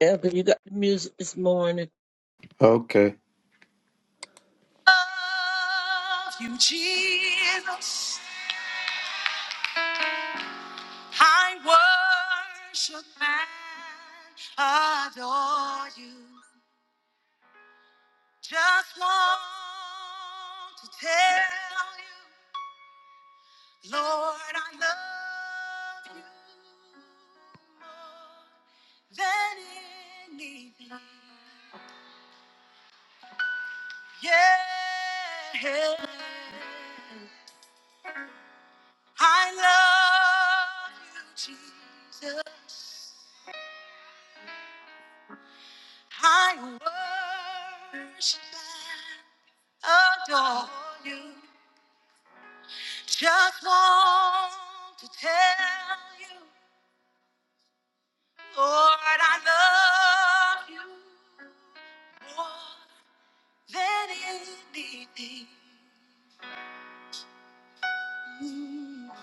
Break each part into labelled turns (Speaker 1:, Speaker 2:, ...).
Speaker 1: Elder, you got the music this morning.
Speaker 2: Okay. Love you, Jesus. I worship and adore you. Just want to tell you, Lord, I love you more than anything. Yeah. I love you, Jesus. I worship and adore you. Just want to tell you, Lord, I love you more than anything.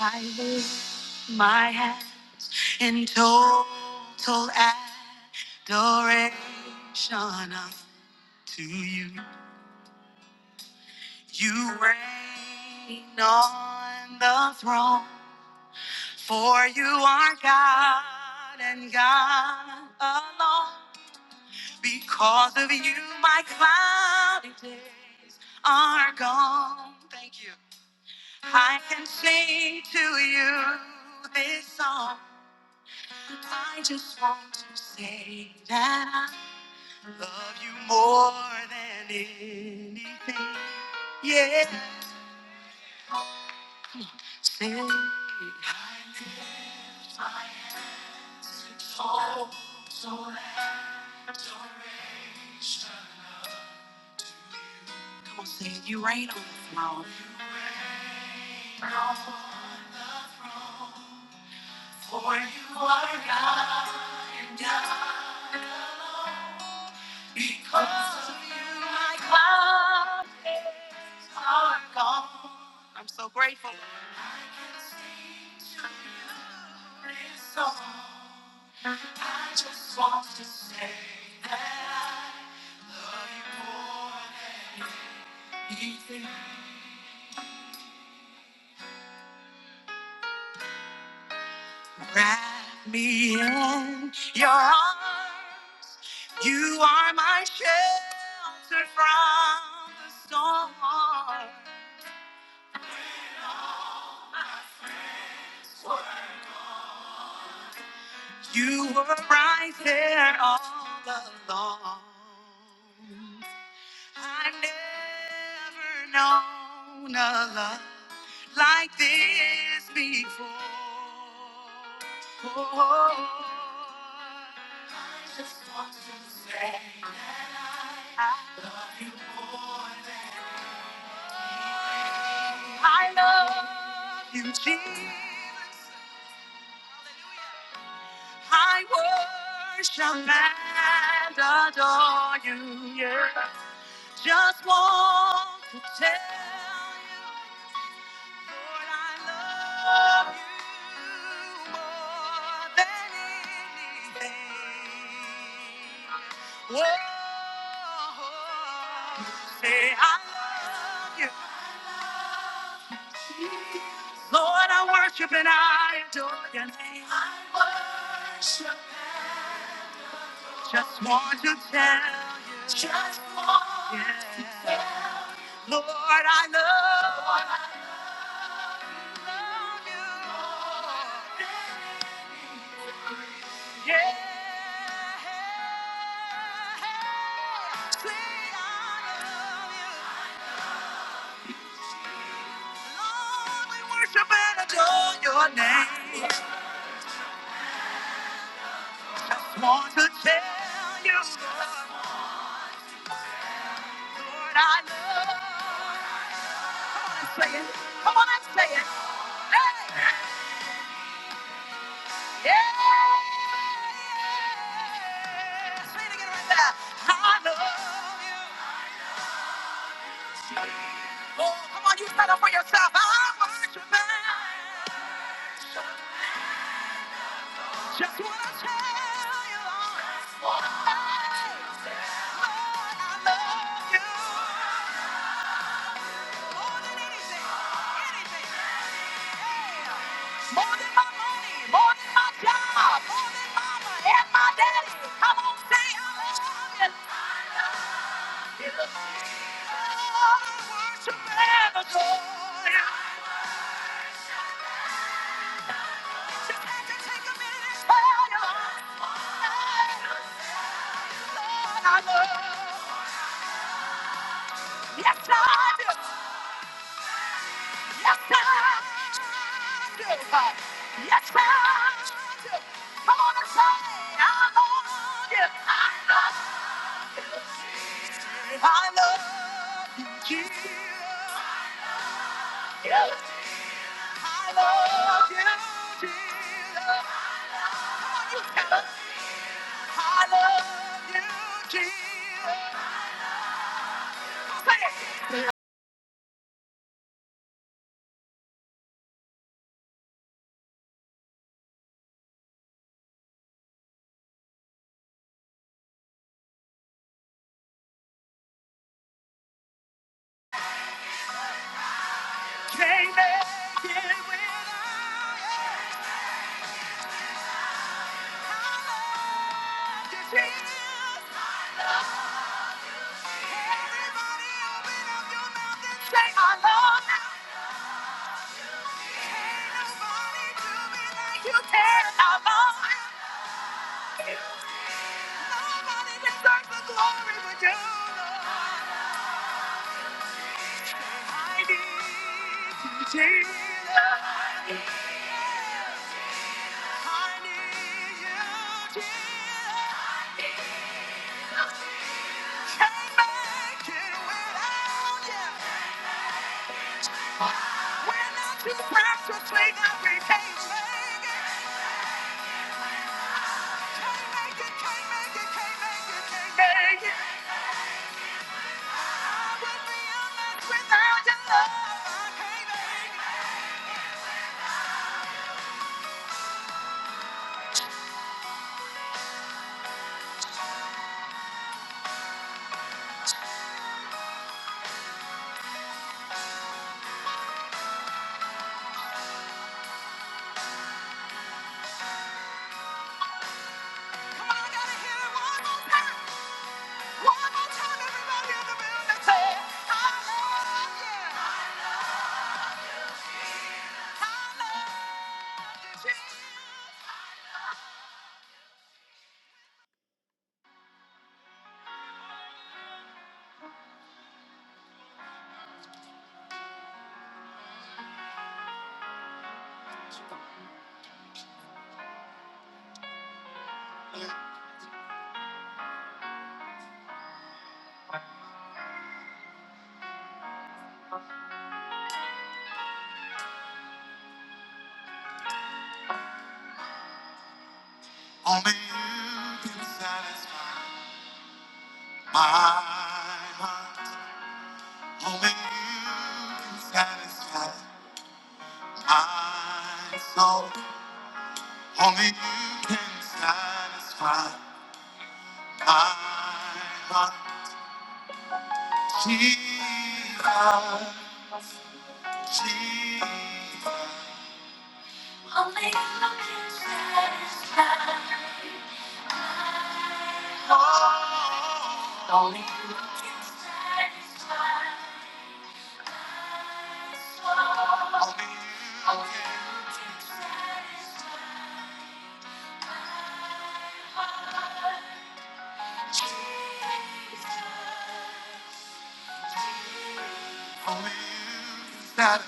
Speaker 2: I lift my hands in total adoration unto you. You reign on the throne, for you are God and God alone. Because of you, my cloudy days are gone. Thank you. I can sing to you this song. I just want to say that I love you more than anything. Yeah. Say I lift my hands in total adoration. Come on, say it. you reign on the throne. For you are God and God. Most of you, my confidence are gone. I'm so grateful. I can sing to you this song. I just want to say that I love you more than anything. Wrap me in your arms. You are my shelter from the storm. You were right there all along. I've never known a love like this before. I just want to say that I love you more than I love you, Jesus. I worship and adore you. Yeah. Just want to tell you, Lord, I love you more than anything. Whoa, say I love you. Lord, I worship and I adore your name. I worship. Just want to tell you. Just want yeah. to tell you. Lord, I love Lord, I love you. love you. Lord, Yeah. Say I love you. Lord, we worship and adore your name. Just want to tell you. Lord, I love you. and say it. Come on and say it. Hey! Yeah! Say it again right there. I love you. Oh, come on, you stand up for yourself. I want you back. Just wanna tell you, Lord, I love you. More than anything, anything. More than my money, more than my job, more than mama and my daddy. Come on, say hallelujah. I love you, Jesus. I worship and adore you. Just had to take a minute and tell you. I love you, Lord, I love you. Yes, I do. Yes, I do. Yes, I do. Come on and say, I love you. I love you. I love you, Jesus. I love you, Jesus. I love you, Jesus. Can't make it without you. I love you, Jesus. Everybody open up your mouth and say, I love you. Can't nobody do me like you can. I love you. Nobody deserves the glory but you, Lord. I need you, Jesus. I need you, Jesus. Can't make it without you. We're not too precious, we know we can't make it. Can't make it, can't make it, can't make it, can't make it. I would be a mess without your love. I can't make it. Come on, I gotta hear it one more time. Only you can satisfy my heart. Only you can satisfy my soul. Only you can satisfy my heart. Jesus, Jesus. Only you can. Only you, that is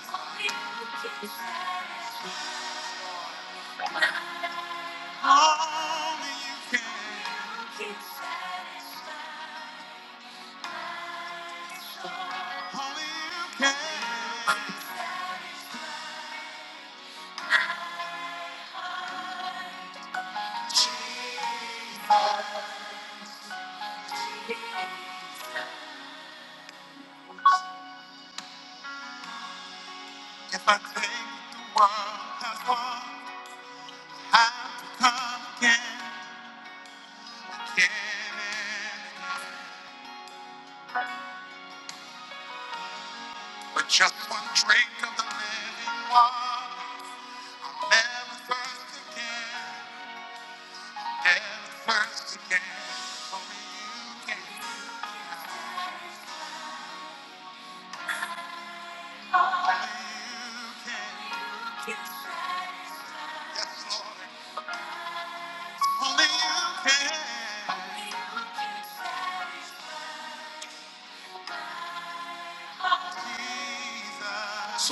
Speaker 2: only you can. If I think the world has won, I've come again, again. again. But just one drink of the living water, I'll never thirst again, never thirst again. Only you can, only you can. Yes, Lord. Only you can, Jesus.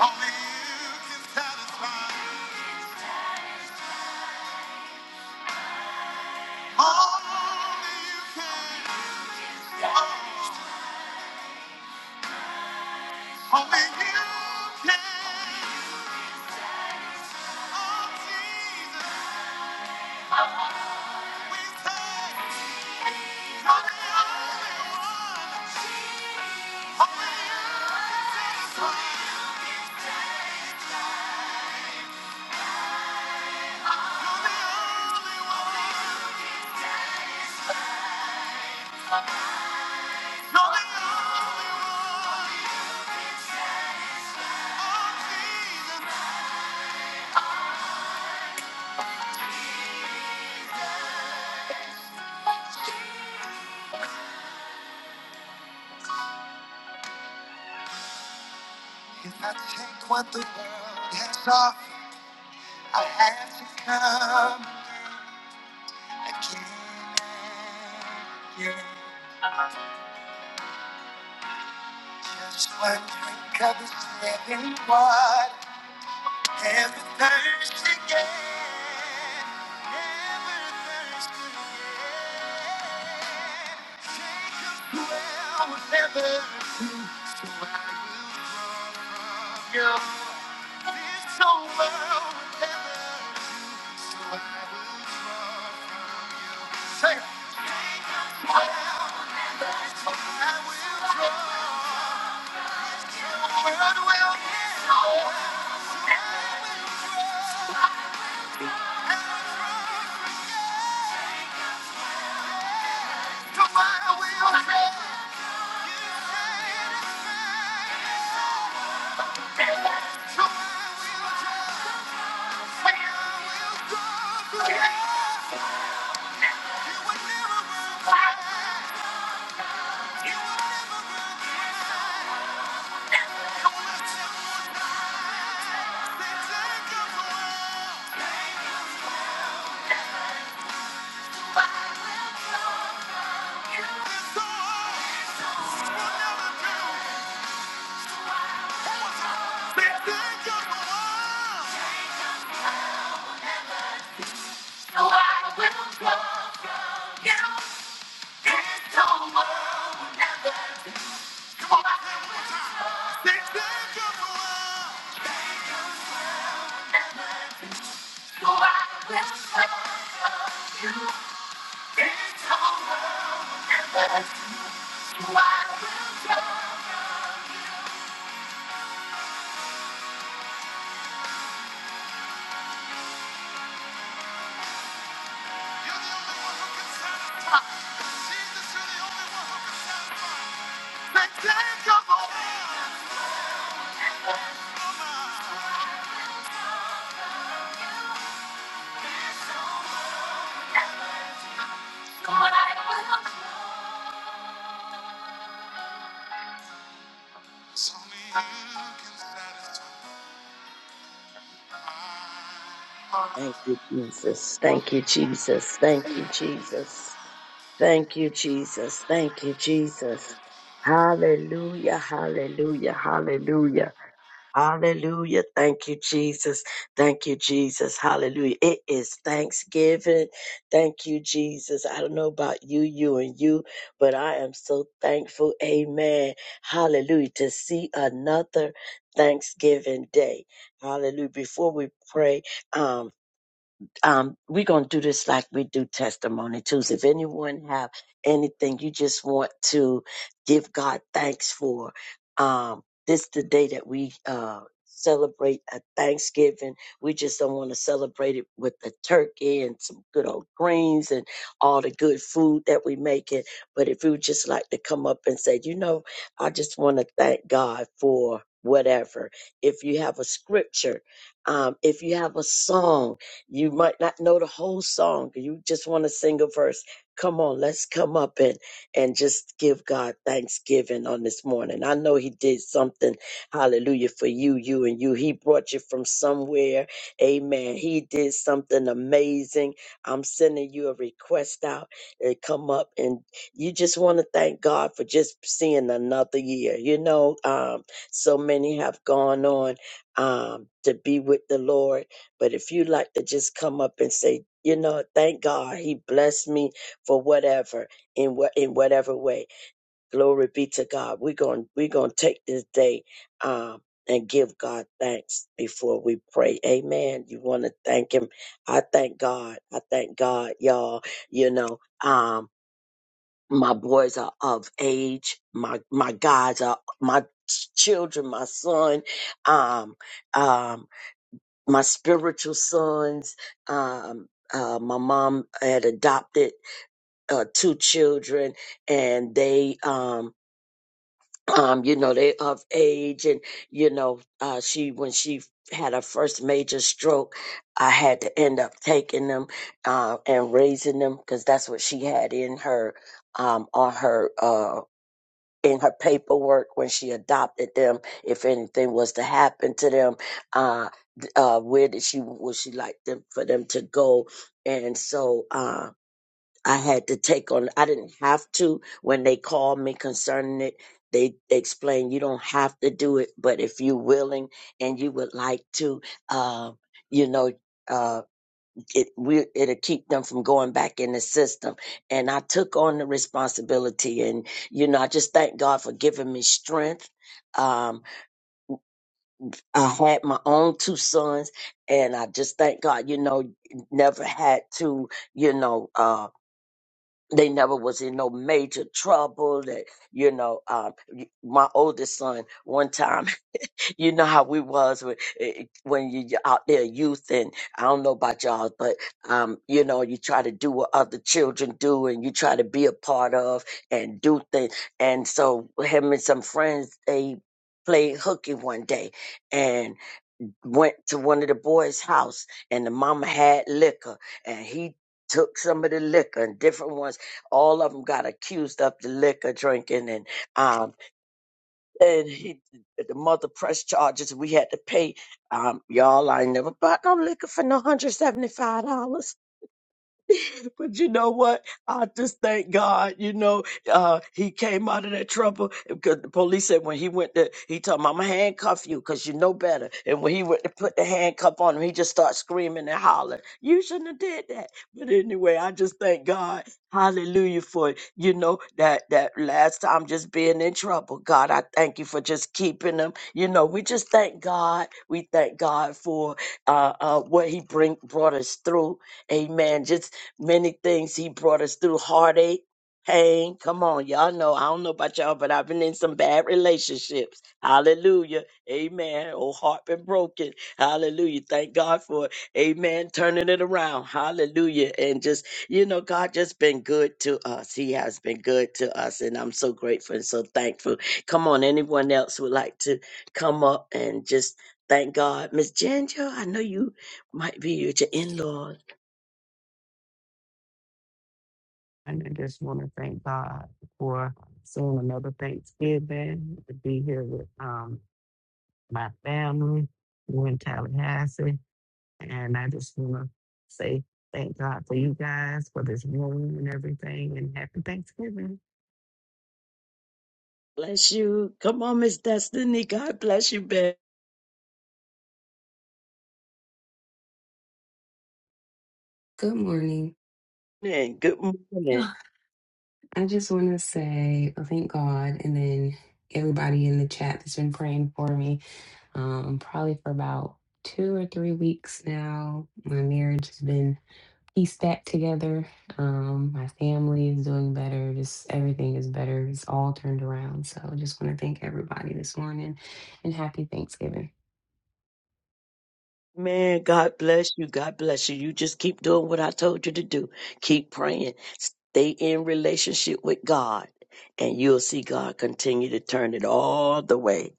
Speaker 2: Only you can satisfy. Only you can. Only you can. Oh, Jesus, we say, you're the only one. Only you can satisfy. You're the only one. You're the only one. Oh, Jesus. drink Country covers living water. Thank you.
Speaker 1: Thank you, Jesus. Thank you, Jesus. Thank you, Jesus. Thank you, Jesus. Thank you, Jesus. Hallelujah, hallelujah, hallelujah. Hallelujah. Thank you, Jesus. Thank you, Jesus. Hallelujah. It is Thanksgiving. Thank you, Jesus. I don't know about you, you and you, but I am so thankful. Amen. Hallelujah. To see another Thanksgiving day. Hallelujah. Before we pray, um um, we're gonna do this like we do testimony Tuesday. If anyone have anything you just want to give God thanks for, um, this the day that we uh celebrate a Thanksgiving. We just don't want to celebrate it with a turkey and some good old greens and all the good food that we make it. But if we would just like to come up and say, you know, I just want to thank God for whatever. If you have a scripture, um, if you have a song you might not know the whole song. You just want to sing a verse. Come on, let's come up and and just give God thanksgiving on this morning. I know He did something, Hallelujah, for you, you and you. He brought you from somewhere, Amen. He did something amazing. I'm sending you a request out and come up and you just want to thank God for just seeing another year. You know, um, so many have gone on um, to be with the Lord but if you like to just come up and say, you know, thank God he blessed me for whatever in what in whatever way. Glory be to God. We're going we're going to take this day um and give God thanks before we pray. Amen. You want to thank him. I thank God. I thank God, y'all. You know, um my boys are of age. My my guys are my children, my son um um my spiritual sons. Um, uh, my mom had adopted uh, two children, and they, um, um, you know, they of age, and you know, uh, she when she had her first major stroke, I had to end up taking them uh, and raising them because that's what she had in her um, on her. Uh, in her paperwork when she adopted them if anything was to happen to them uh uh where did she would she like them for them to go and so uh i had to take on i didn't have to when they called me concerning it they explained you don't have to do it but if you're willing and you would like to uh, you know uh, it we it'll keep them from going back in the system. And I took on the responsibility, and you know, I just thank God for giving me strength. Um, I had my own two sons, and I just thank God, you know, never had to, you know, uh. They never was in no major trouble. That you know, um, my oldest son one time you know how we was with, eh, eh, when you out there youth and i don't know about y'all but um you know you try to do what other children do and you try to be a part of and do things and so him and some friends they played hooky one day and went to one of the boys house and the mama had liquor and he took some of the liquor and different ones all of them got accused of the liquor drinking and um and he, the mother pressed charges. We had to pay. Um, y'all, I never bought no liquor for no $175. But you know what? I just thank God, you know, uh, he came out of that trouble because the police said when he went to, he told him, I'm going to handcuff you because you know better. And when he went to put the handcuff on him, he just started screaming and hollering. You shouldn't have did that. But anyway, I just thank God. Hallelujah for, you know, that, that last time just being in trouble. God, I thank you for just keeping them. You know, we just thank God. We thank God for uh, uh, what he bring, brought us through. Amen. Just Many things he brought us through heartache, pain. Come on, y'all know. I don't know about y'all, but I've been in some bad relationships. Hallelujah. Amen. Oh, heart been broken. Hallelujah. Thank God for it. Amen. Turning it around. Hallelujah. And just, you know, God just been good to us. He has been good to us. And I'm so grateful and so thankful. Come on, anyone else would like to come up and just thank God. Miss Ginger, I know you might be with your in-laws.
Speaker 3: And I just want to thank God for seeing another Thanksgiving to be here with um my family. We're in Tallahassee, and I just want to say thank God for you guys for this room and everything, and happy Thanksgiving.
Speaker 1: Bless you. Come on, Miss Destiny. God bless you, Ben.
Speaker 4: Good morning.
Speaker 1: Good morning.
Speaker 4: Ugh. I just want to say uh, thank God and then everybody in the chat that's been praying for me. Um, probably for about two or three weeks now, my marriage has been pieced back together. Um, my family is doing better. Just everything is better. It's all turned around. So I just want to thank everybody this morning and happy Thanksgiving.
Speaker 1: Man, God bless you. God bless you. You just keep doing what I told you to do. Keep praying. Stay in relationship with God, and you'll see God continue to turn it all the way.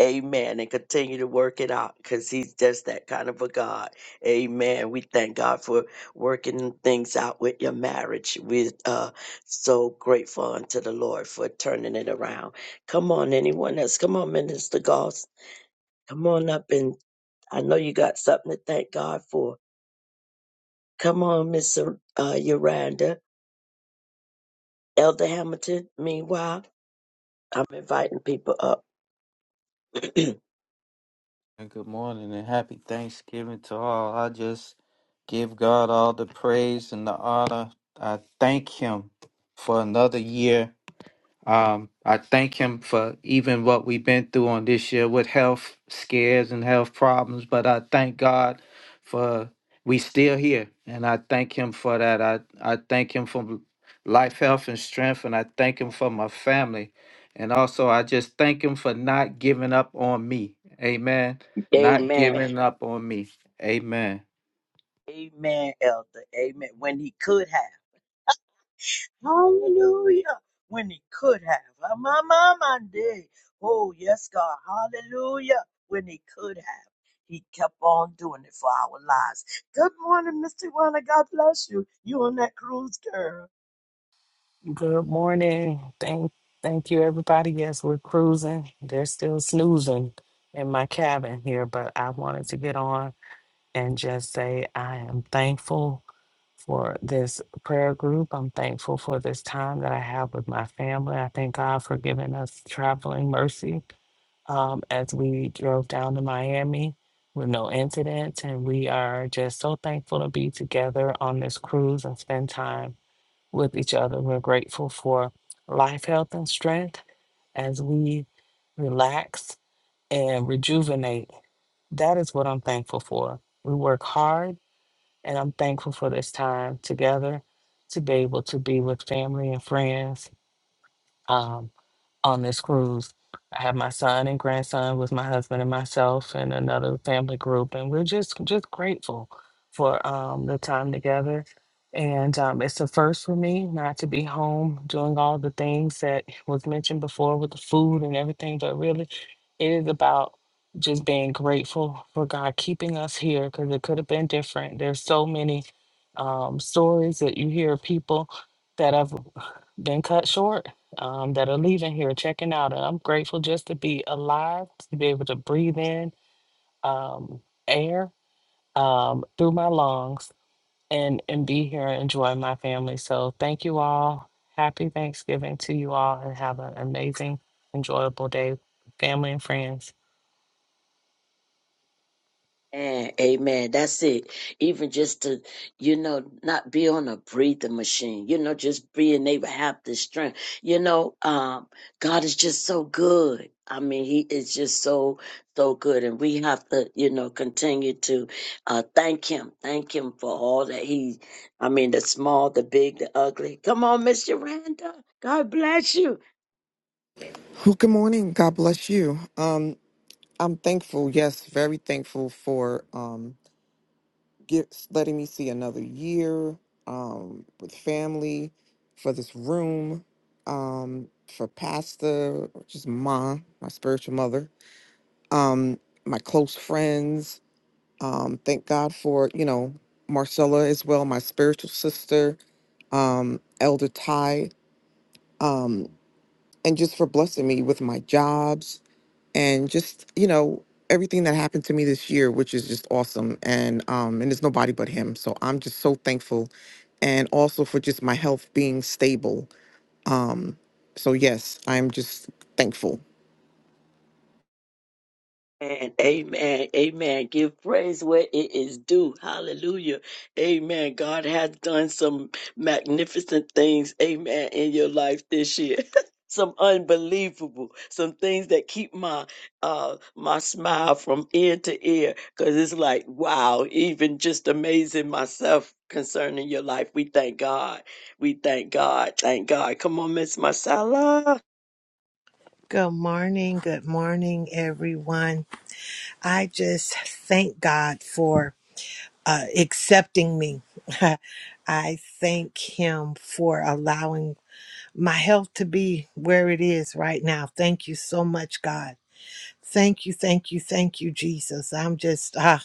Speaker 1: Amen. And continue to work it out because he's just that kind of a God. Amen. We thank God for working things out with your marriage. We're uh, so grateful unto the Lord for turning it around. Come on, anyone else? Come on, Minister Goss. Come on up and I know you got something to thank God for. Come on, Miss uh, uh, Yolanda. Elder Hamilton, meanwhile, I'm inviting people up.
Speaker 2: And good morning and happy Thanksgiving to all. I just give God all the praise and the honor. I thank Him for another year. Um, I thank him for even what we've been through on this year with health scares and health problems, but I thank God for we still here, and I thank him for that. I I thank him for life, health, and strength, and I thank him for my family, and also I just thank him for not giving up on me. Amen. Not
Speaker 1: Amen.
Speaker 2: giving up on me. Amen.
Speaker 1: Amen, Elder. Amen. When he could have. Hallelujah. When he could have. Ah, My, my, my day. Oh, yes, God. Hallelujah. When he could have. He kept on doing it for our lives. Good morning, Mr. Warner. God bless you. You on that cruise, girl.
Speaker 5: Good morning. Thank thank you everybody. Yes, we're cruising. They're still snoozing in my cabin here, but I wanted to get on and just say I am thankful for this prayer group. I'm thankful for this time that I have with my family. I thank God for giving us traveling mercy um, as we drove down to Miami with no incidents. And we are just so thankful to be together on this cruise and spend time with each other. We're grateful for life, health, and strength as we relax and rejuvenate. That is what I'm thankful for. We work hard, and I'm thankful for this time together to be able to be with family and friends. Um, on this cruise. I have my son and grandson with my husband and myself and another family group, and we're just just grateful for um, the time together. And um, it's a first for me not to be home doing all the things that was mentioned before with the food and everything, but really, it is about just being grateful for God keeping us here because it could have been different. There's so many um, stories that you hear of people that have been cut short um, that are leaving here, checking out. And I'm grateful just to be alive, to be able to breathe in um, air um, through my lungs and, and be here and enjoy my family. So thank you all. Happy Thanksgiving to you all and have an amazing, enjoyable day, family and friends.
Speaker 1: Amen. Amen. That's it. Even just to, you know, not be on a breathing machine, you know, just being able to have the strength. You know, um, God is just so good. I mean, He is just so, so good. And we have to, you know, continue to uh, thank Him. Thank Him for all that He, I mean, the small, the big, the ugly. Come on, Miss Yolanda. God bless you.
Speaker 6: Well, good morning. God bless you. Um, I'm thankful. Yes, very thankful for um, gifts, letting me see another year um, with family, for this room, um, for Pastor, which is Ma, my spiritual mother, um, my close friends. Um, thank God for you know Marcella as well, my spiritual sister, um, Elder Ty, um, and just for blessing me with my jobs and just you know everything that happened to me this year which is just awesome and um and it's nobody but him so i'm just so thankful and also for just my health being stable um so yes i'm just thankful
Speaker 1: Amen. Amen. Amen. Give praise where it is due. Hallelujah. Amen. God has done some magnificent things. Amen. In your life this year. Some unbelievable, some things that keep my uh my smile from ear to ear, because it's like, wow, even just amazing myself concerning your life. We thank God. We thank God. Thank God. Come on, Miss Marcella.
Speaker 7: Good morning. Good morning, everyone. I just thank God for uh, accepting me. I thank Him for allowing my health to be where it is right now. Thank you so much, God. Thank you, thank you, thank you, Jesus. I'm just ah,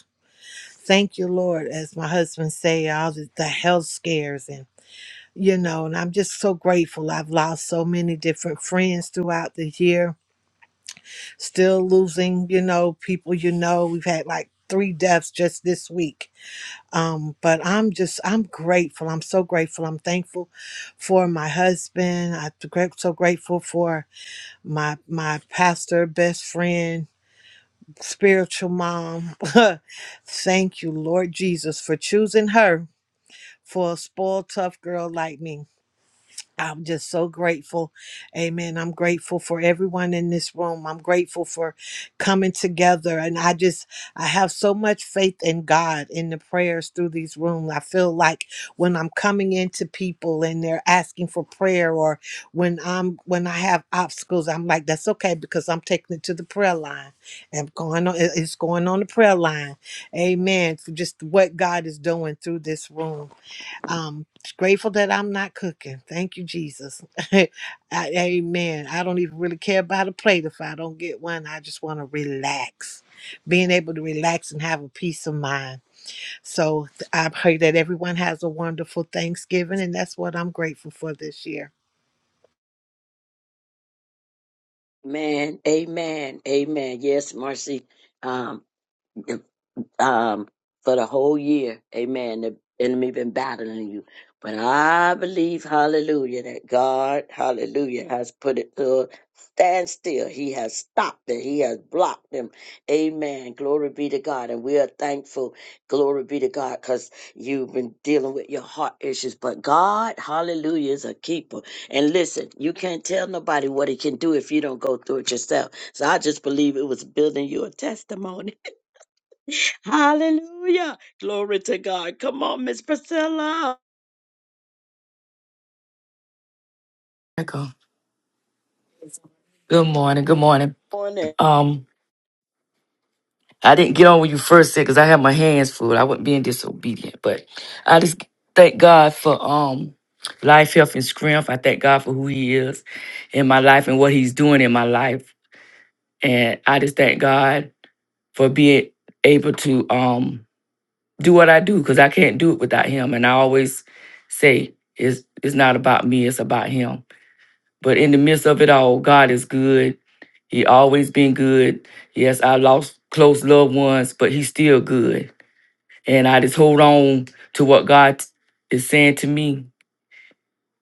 Speaker 7: thank you, Lord, as my husband say, all the, the health scares and you know, and I'm just so grateful. I've lost so many different friends throughout the year still losing, you know, people you know. We've had like three deaths just this week. Um, but I'm just, I'm grateful. I'm so grateful. I'm thankful for my husband. I'm gra- so grateful for my my pastor, best friend, spiritual mom. Thank you, Lord Jesus, for choosing her for a spoiled, tough girl like me. I'm just so grateful. Amen. I'm grateful for everyone in this room. I'm grateful for coming together. And I just, I have so much faith in God in the prayers through these rooms. I feel like when I'm coming into people and they're asking for prayer or when I'm, when I have obstacles, I'm like, that's okay because I'm taking it to the prayer line and going on, it- it's going on the prayer line. Amen. For just what God is doing through this room. Um, grateful that I'm not cooking. Thank you, Jesus. I, amen. I don't even really care about a plate if I don't get one. I just want to relax. Being able to relax and have a peace of mind. So th- I pray that everyone has a wonderful Thanksgiving, and that's what I'm grateful for this year.
Speaker 1: Man, amen. Amen. Yes, Marcy. Um. um, for the whole year. Amen. The enemy been battling you. But I believe, hallelujah, that God, hallelujah, has put it to a standstill. He has stopped it. He has blocked them. Amen. Glory be to God. And we are thankful. Glory be to God because you've been dealing with your heart issues. But God, hallelujah, is a keeper. And listen, you can't tell nobody what he can do if you don't go through it yourself. So I just believe it was building you a testimony. Hallelujah. Glory to God. Come on, Miss Priscilla.
Speaker 8: Michael, Good morning. Good morning.
Speaker 1: On it.
Speaker 8: Um, I didn't get on when you first said because I had my hands full. I wasn't being disobedient, but I just thank God for um life, health, and strength. I thank God for who He is in my life and what He's doing in my life, and I just thank God for being able to um do what I do because I can't do it without Him. And I always say it's it's not about me; it's about Him. But in the midst of it all, God is good. He always been good. Yes, I lost close loved ones, but he's still good. And I just hold on to what God is saying to me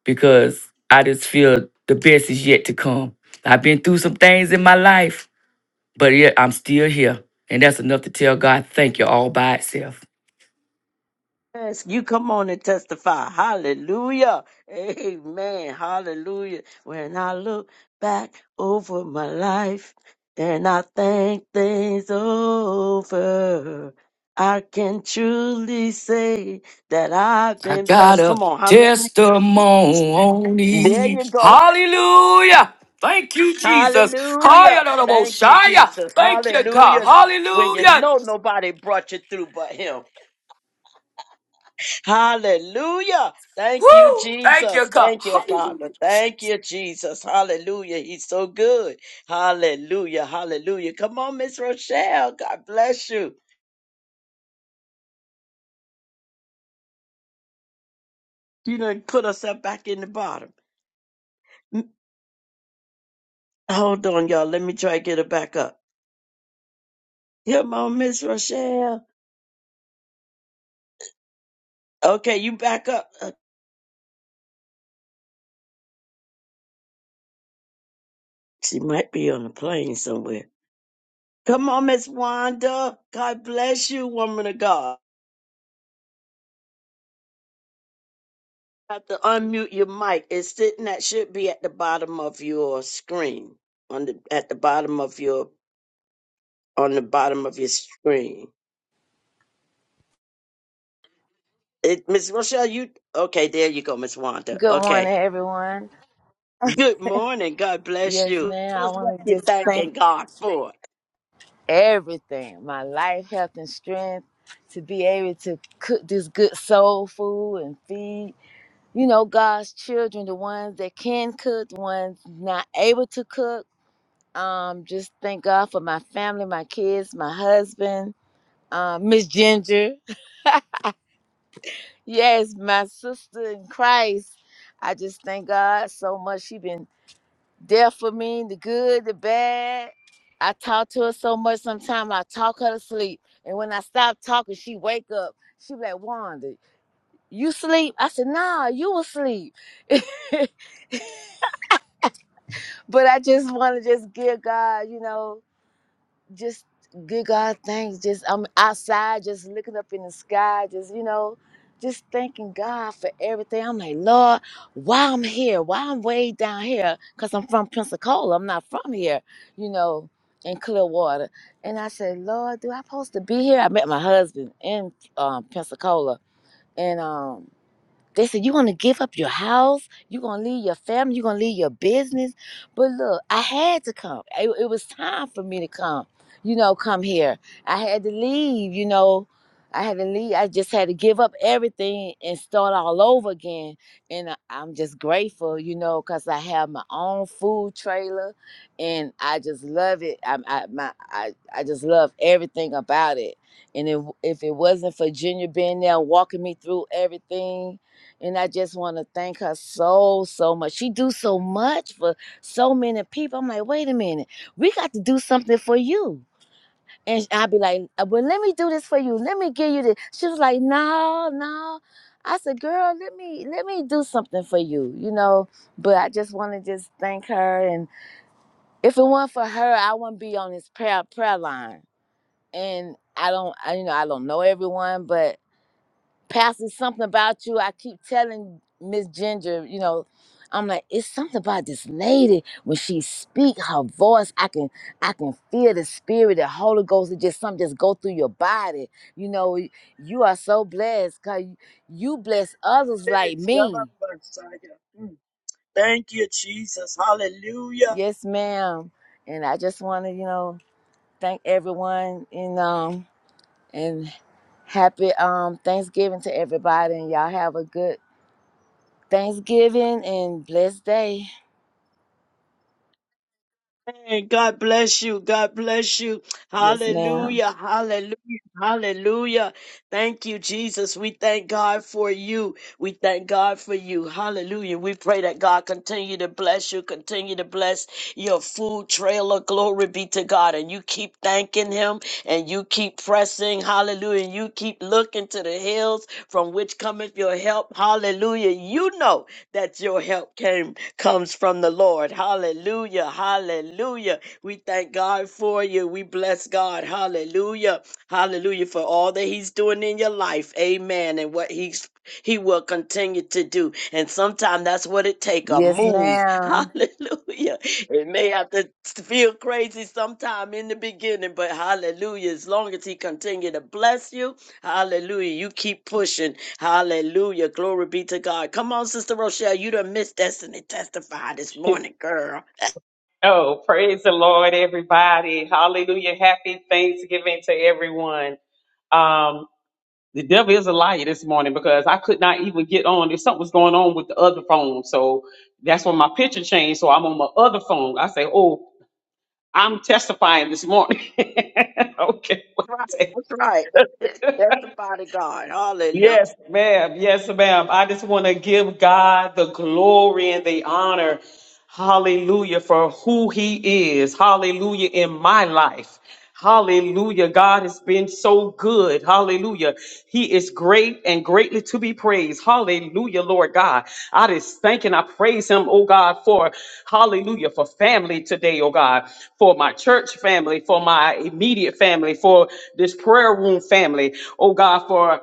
Speaker 8: because I just feel the best is yet to come. I've been through some things in my life, but yet I'm still here. And that's enough to tell God, thank you all by itself.
Speaker 1: Yes, you come on and testify. Hallelujah. Amen. Hallelujah. When I look back over my life and I think things over, I can truly say that I've
Speaker 8: I
Speaker 1: been
Speaker 8: got
Speaker 1: blessed.
Speaker 8: a
Speaker 1: Come on, how many? There
Speaker 8: testimony.
Speaker 1: you go.
Speaker 8: Hallelujah. Thank you, Jesus.
Speaker 1: Hallelujah. Thank you,
Speaker 8: Hallelujah.
Speaker 1: Jesus.
Speaker 8: Thank you, God.
Speaker 1: Hallelujah. When you
Speaker 8: Hallelujah.
Speaker 1: know nobody brought you through but him. Hallelujah. Thank you,
Speaker 8: Woo. Thank you,
Speaker 1: Jesus.
Speaker 8: God.
Speaker 1: Thank you, Father.
Speaker 8: Hallelujah.
Speaker 1: Thank you, Jesus. Hallelujah. He's so good. Hallelujah. Hallelujah. Come on, Miss Rochelle. God bless you. You done put herself back in the bottom. Mm, Hold on, y'all. Let me try to get her back up. Come on, Miss Rochelle. Okay, you back up. Uh, She might be on a plane somewhere. Come on, Miss Wanda. God bless you, woman of God. You have to unmute your mic. It's sitting that should be at the bottom of your screen. On the at the bottom of your on the bottom of your screen. It Miss Rochelle, you okay, there you go, Miss Wanda.
Speaker 9: Good morning,
Speaker 1: Okay.
Speaker 9: everyone.
Speaker 1: Good morning. God bless
Speaker 9: Yes,
Speaker 1: you.
Speaker 9: man,
Speaker 1: Tell
Speaker 9: I
Speaker 1: us what
Speaker 9: want
Speaker 1: you're
Speaker 9: to just thank
Speaker 1: thanking God for.
Speaker 9: everything my life, health, and strength to be able to cook this good soul food and feed, you know, God's children, the ones that can cook, the ones not able to cook. Um, just thank God for my family, my kids, my husband, um, Miss Ginger. Yes, my sister in Christ. I just thank God so much. She been there for me, the good, the bad. I talk to her so much sometimes I talk her to sleep. And when I stop talking, she wake up. She be like, Wanda, you sleep? I said, nah, you asleep. but I just want to just give God, you know, just good God, thanks. Just I'm outside, just looking up in the sky, just you know, just thanking God for everything. I'm like, Lord, why I'm here? Why I'm way down here? Cause I'm from Pensacola. I'm not from here, you know, in Clearwater. And I said, Lord, do I supposed to be here? I met my husband in um, Pensacola, and um. They said, You're going to give up your house. You're going to leave your family. You're going to leave your business. But look, I had to come. It, it was time for me to come, you know, come here. I had to leave, you know. I had to leave. I just had to give up everything and start all over again. And I- I'm just grateful, you know, because I have my own food trailer and I just love it. I, I, my, I, I just love everything about it. And if if it wasn't for Junior being there walking me through everything, and I just want to thank her so so much. She do so much for so many people. I'm like, wait a minute, we got to do something for you. And I'd be like, "Uh, well, let me do this for you. Let me give you this. She was like, no, no. I said, girl, let me let me do something for you, you know. But I just want to just thank her. And if it weren't for her, I wouldn't be on this prayer prayer line. And I don't, I, you know, I don't know everyone, but Pastor, something about you. I keep telling Miss Ginger, you know, I'm like, it's something about this lady. When she speak, her voice, I can I can feel the spirit, the Holy Ghost, it just something just go through your body. You know, you are so blessed because you bless others like
Speaker 1: Thanks, Shabbat
Speaker 9: me.
Speaker 1: Messiah. Mm. Thank you, Jesus. Hallelujah.
Speaker 9: Yes, ma'am. And I just want to, you know, thank everyone and um and happy um Thanksgiving to everybody and y'all have a good Thanksgiving and blessed day.
Speaker 1: Amen. God bless you. God bless you.
Speaker 9: Yes, ma'am.
Speaker 1: Hallelujah. Hallelujah. Hallelujah. Thank you, Jesus. We thank God for you. We thank God for you. Hallelujah. We pray that God continue to bless you, continue to bless your food trailer. Glory be to God. And you keep thanking Him and you keep pressing. Hallelujah. You keep looking to the hills from which cometh your help. Hallelujah. You know that your help came comes from the Lord. Hallelujah. Hallelujah. We thank God for you. We bless God. Hallelujah. Hallelujah for all that he's doing in your life. Amen. And what he's he will continue to do. And sometimes that's what it take a
Speaker 9: Yes,
Speaker 1: move.
Speaker 9: ma'am.
Speaker 1: Hallelujah. It may have to feel crazy sometime in the beginning, but hallelujah. As long as he continue to bless you, hallelujah. You keep pushing. Hallelujah. Glory be to God. Come on, Sister Rochelle. You done missed destiny. Testify this morning, girl.
Speaker 10: Oh, praise the Lord, everybody. Hallelujah. Happy Thanksgiving to everyone. Um, the devil is a liar this morning because I could not even get on. There's something was going on with the other phone. So that's when my picture changed. So I'm on my other phone. I say, Oh, I'm testifying this morning. okay.
Speaker 1: That's right. That's right. Testify to God. Hallelujah.
Speaker 10: Yes, ma'am. Yes, ma'am. I just want to give God the glory and the honor. Hallelujah for who he is. Hallelujah in my life. Hallelujah. God has been so good. Hallelujah. He is great and greatly to be praised. Hallelujah, Lord God. I just thank and I praise him, oh God, for hallelujah, for family today, oh God, for my church family, for my immediate family, for this prayer room family, oh God, for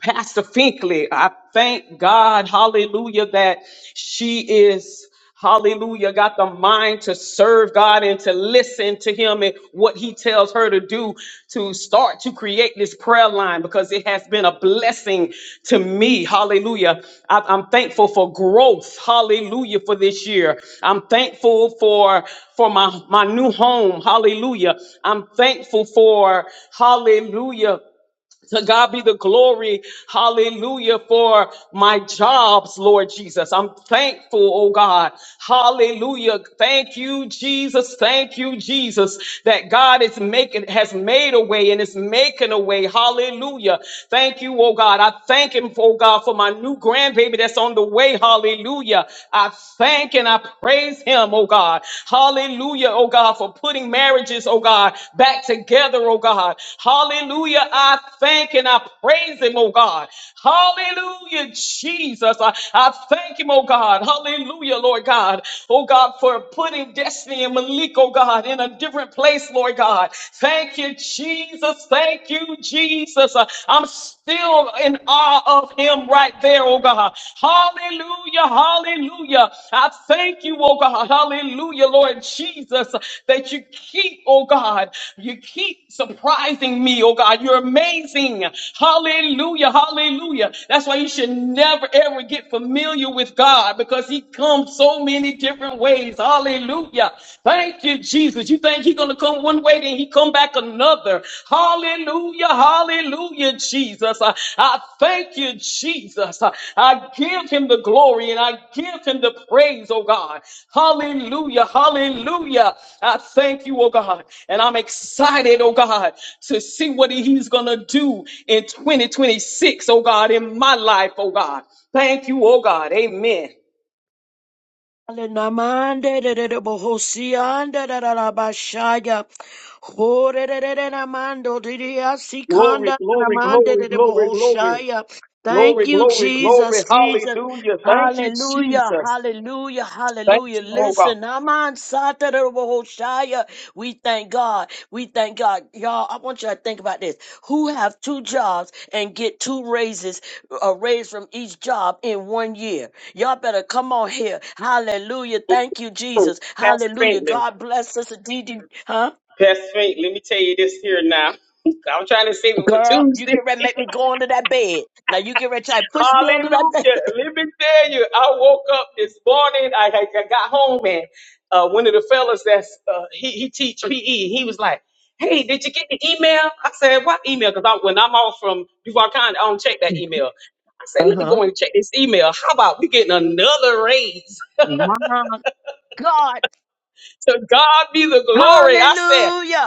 Speaker 10: Pastor Finkley, I thank God, hallelujah, that she is, hallelujah, got the mind to serve God and to listen to Him and what He tells her to do to start to create this prayer line because it has been a blessing to me, hallelujah. I- I'm thankful for growth, hallelujah, for this year. I'm thankful for for my, my new home, hallelujah. I'm thankful for, hallelujah. To God be the glory, hallelujah, for my jobs, Lord Jesus. I'm thankful, oh God, hallelujah. Thank you, Jesus. Thank you, Jesus, that God is making, has made a way and is making a way, hallelujah. Thank you, oh God. I thank Him, oh God, for my new grandbaby that's on the way, hallelujah. I thank and I praise Him, oh God, Hallelujah, oh God, for putting marriages, oh God, back together, oh God. Hallelujah. I thank and I praise him, oh God. Hallelujah, Jesus. I, I thank him, oh God. Hallelujah, Lord God. Oh God, for putting Destiny and Malik, oh God, in a different place, Lord God. Thank you, Jesus. Thank you, Jesus. Uh, I'm still in awe of him, them right there, oh God. Hallelujah, hallelujah. I thank you, oh God. Hallelujah, Lord Jesus, that you keep, oh God, you keep surprising me, oh God. You're amazing. Hallelujah, hallelujah. That's why you should never ever get familiar with God because he comes so many different ways. Hallelujah. Thank you, Jesus. You think he's going to come one way? and he come back another. Hallelujah, hallelujah, Jesus. I, I thank you, Jesus. I, I give him the glory and I give him the praise, oh God. Hallelujah, hallelujah. I thank you, oh God. And I'm excited, oh God, to see what he's gonna do in 2026, O God, in my life, oh God. Thank you, oh God. Amen.
Speaker 1: Alenamande de de de bohosianda da da da bashaya. Hore de de de namando de de
Speaker 10: Glory,
Speaker 1: asikanda
Speaker 10: glory,
Speaker 1: namande
Speaker 10: glory,
Speaker 1: de de
Speaker 10: glory, glory.
Speaker 1: bohoshaya. Thank
Speaker 10: Glory,
Speaker 1: you,
Speaker 10: glory, glory.
Speaker 1: Jesus, Jesus.
Speaker 10: Hallelujah. Thank you,
Speaker 1: Hallelujah,
Speaker 10: Jesus.
Speaker 1: hallelujah,
Speaker 10: Thank
Speaker 1: hallelujah. Listen, Naman Sata de bohoshaya. We thank God. We thank God. Y'all, I want you to think about this. Who have two jobs and get two raises, a raise from each job in one year? Y'all better come on here. Hallelujah. Thank you, Jesus.
Speaker 10: Pastor.
Speaker 1: Hallelujah. God bless Sister DD. Huh?
Speaker 10: Pastor Fink, let me tell you this here now. I don't even what
Speaker 1: Girl,
Speaker 10: this
Speaker 1: you
Speaker 10: is.
Speaker 1: get ready to make me go under that bed. Now you get ready to try to push me under that
Speaker 10: Hallelujah.
Speaker 1: bed.
Speaker 10: Let me tell you, I woke up this morning. I, I, I got home and uh, one of the fellas that's uh, he he teach PE. He was like, "Hey, did you get the email?" I said, "What email?" Because when I'm off from Duval County, I don't check that email. I said, "Let me
Speaker 1: Uh-huh.
Speaker 10: go and check this email. How about we getting another raise?"
Speaker 1: My God.
Speaker 10: To God be the glory. I said,
Speaker 1: Hallelujah.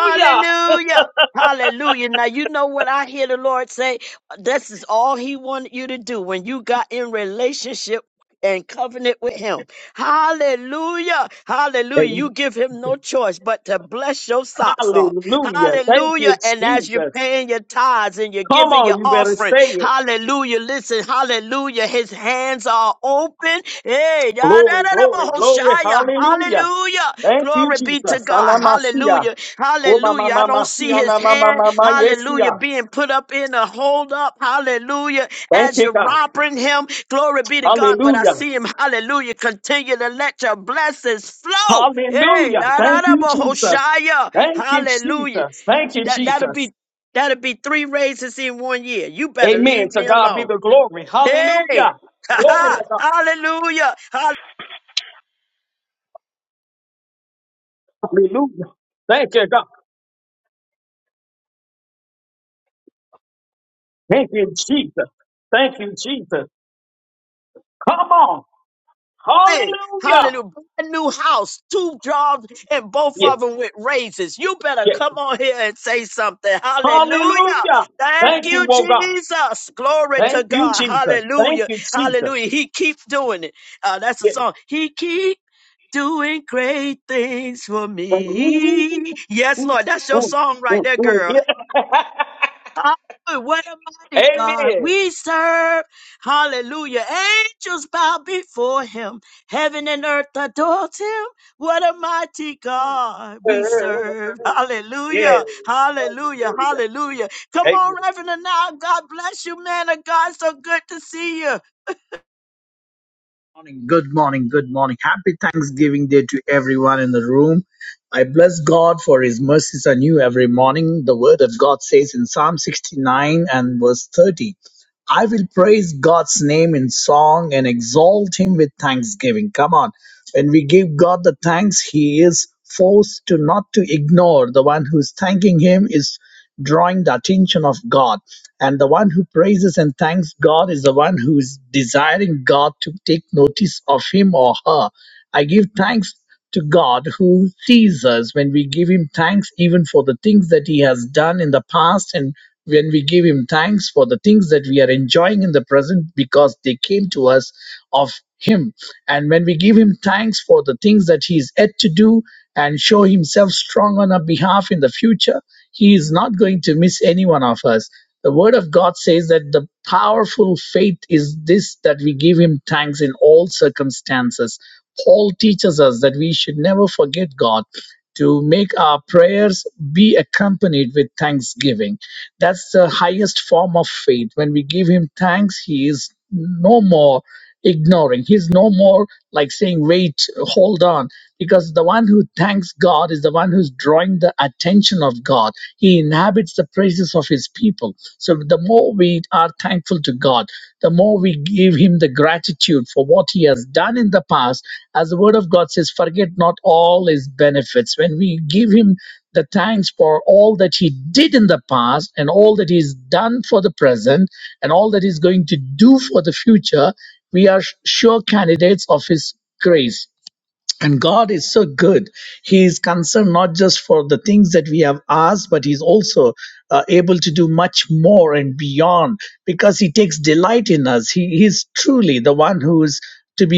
Speaker 10: Hallelujah.
Speaker 1: Hallelujah. Now, you know what I hear the Lord say? This is all He wanted you to do when you got in relationship and covenant with Him. Hallelujah. Hallelujah. You
Speaker 10: Amen.
Speaker 1: give Him no choice but to bless your socks off.
Speaker 10: Hallelujah. Thank
Speaker 1: Hallelujah.
Speaker 10: you,
Speaker 1: And as you're
Speaker 10: Jesus.
Speaker 1: paying your tithes and you're
Speaker 10: Come
Speaker 1: giving your
Speaker 10: on, you better
Speaker 1: offering,
Speaker 10: say it.
Speaker 1: hallelujah. Listen, hallelujah. His hands are open. Hey,
Speaker 10: Glory, glory, glory.
Speaker 1: yadadadabahoshaya.
Speaker 10: Hallelujah.
Speaker 1: hallelujah.
Speaker 10: Thank you,
Speaker 1: Glory be to
Speaker 10: Jesus.
Speaker 1: God.
Speaker 10: Anamasia.
Speaker 1: Hallelujah. Hallelujah. I don't see
Speaker 10: Komamamamasia,
Speaker 1: his hand, hallelujah,
Speaker 10: namamamayesia.
Speaker 1: being put up in a hold up. Hallelujah
Speaker 10: Thank
Speaker 1: as
Speaker 10: you,
Speaker 1: you're
Speaker 10: God.
Speaker 1: robbing him. Glory be to God. But I
Speaker 10: Hallelujah.
Speaker 1: see him, hallelujah, continue to let your blessings flow. Hey,
Speaker 10: Hallelujah.
Speaker 1: da da
Speaker 10: Thank
Speaker 1: da,
Speaker 10: you, Jesus.
Speaker 1: Bahoshaya.
Speaker 10: Thank you,
Speaker 1: Hallelujah.
Speaker 10: Jesus. Thank you,
Speaker 1: That, that'll
Speaker 10: Jesus.
Speaker 1: be that'll be three raises in one year. You better
Speaker 10: Amen.
Speaker 1: leave
Speaker 10: To
Speaker 1: me
Speaker 10: God be
Speaker 1: alone.
Speaker 10: the glory.
Speaker 1: Hey,
Speaker 10: Hallelujah. Glory to God.
Speaker 1: hallelujah.
Speaker 10: Hallelujah. Thank you, God. Thank you, Jesus. Thank you, Jesus. Come on.
Speaker 1: thing.
Speaker 10: Hallelujah.
Speaker 1: Hallelujah. Brand new house, two jobs, and both
Speaker 10: Yes,
Speaker 1: of them with raises. You better
Speaker 10: yes.
Speaker 1: come on here and say something. Hallelujah.
Speaker 10: Hallelujah.
Speaker 1: Thank
Speaker 10: Thank you,
Speaker 1: you,
Speaker 10: oh God.
Speaker 1: Jesus. Glory to
Speaker 10: Thank you,
Speaker 1: God.
Speaker 10: Jesus. Thank
Speaker 1: Hallelujah.
Speaker 10: you, Jesus.
Speaker 1: Hallelujah. He keeps doing it. Uh, that's the
Speaker 10: Yes.
Speaker 1: song. He keep doing great things for
Speaker 10: Mm, mm,
Speaker 1: me. Yes,
Speaker 10: mm,
Speaker 1: Lord. That's
Speaker 10: mm,
Speaker 1: your
Speaker 10: mm,
Speaker 1: song right there,
Speaker 10: mm.
Speaker 1: girl.
Speaker 10: Yes.
Speaker 1: Oh, What a mighty God
Speaker 10: Amen.
Speaker 1: we serve. Hallelujah. Angels bow before him. Heaven and earth adores him. What a mighty God we serve. Hallelujah.
Speaker 10: Yes.
Speaker 1: Hallelujah.
Speaker 10: Hallelujah.
Speaker 1: Hallelujah. Come on, Reverend and now. God bless you, man of God. So good to see you.
Speaker 11: morning, good morning, good morning. Happy Thanksgiving Day to everyone in the room. I bless God for His mercies are new every morning. The Word of God says in Psalm 69 and verse 30, I will praise God's name in song and exalt Him with thanksgiving. Come on. When we give God the thanks, He is forced to not to ignore. The one who's thanking Him is drawing the attention of God. And the one who praises and thanks God is the one who is desiring God to take notice of him or her. I give thanks to God who sees us when we give him thanks even for the things that he has done in the past and when we give him thanks for the things that we are enjoying in the present because they came to us of him and when we give him thanks for the things that he is yet to do and show himself strong on our behalf in the future he is not going to miss any one of us the word of God says that the powerful faith is this that we give him thanks in all circumstances. Paul teaches us that we should never forget God to make our prayers be accompanied with thanksgiving. That's the highest form of faith. When we give him thanks, he is no more ignoring. He's no more like saying, wait, hold on because the one who thanks God is the one who's drawing the attention of God. He inhabits the praises of his people. So the more we are thankful to God, the more we give him the gratitude for what he has done in the past. As the word of God says, forget not all his benefits. When we give him the thanks for all that he did in the past and all that he's done for the present and all that he's going to do for the future, we are sure candidates of his grace and God is so good. He is concerned not just for the things that we have asked, but He's also uh, able to do much more and beyond because He takes delight in us. He he is truly the one who is to be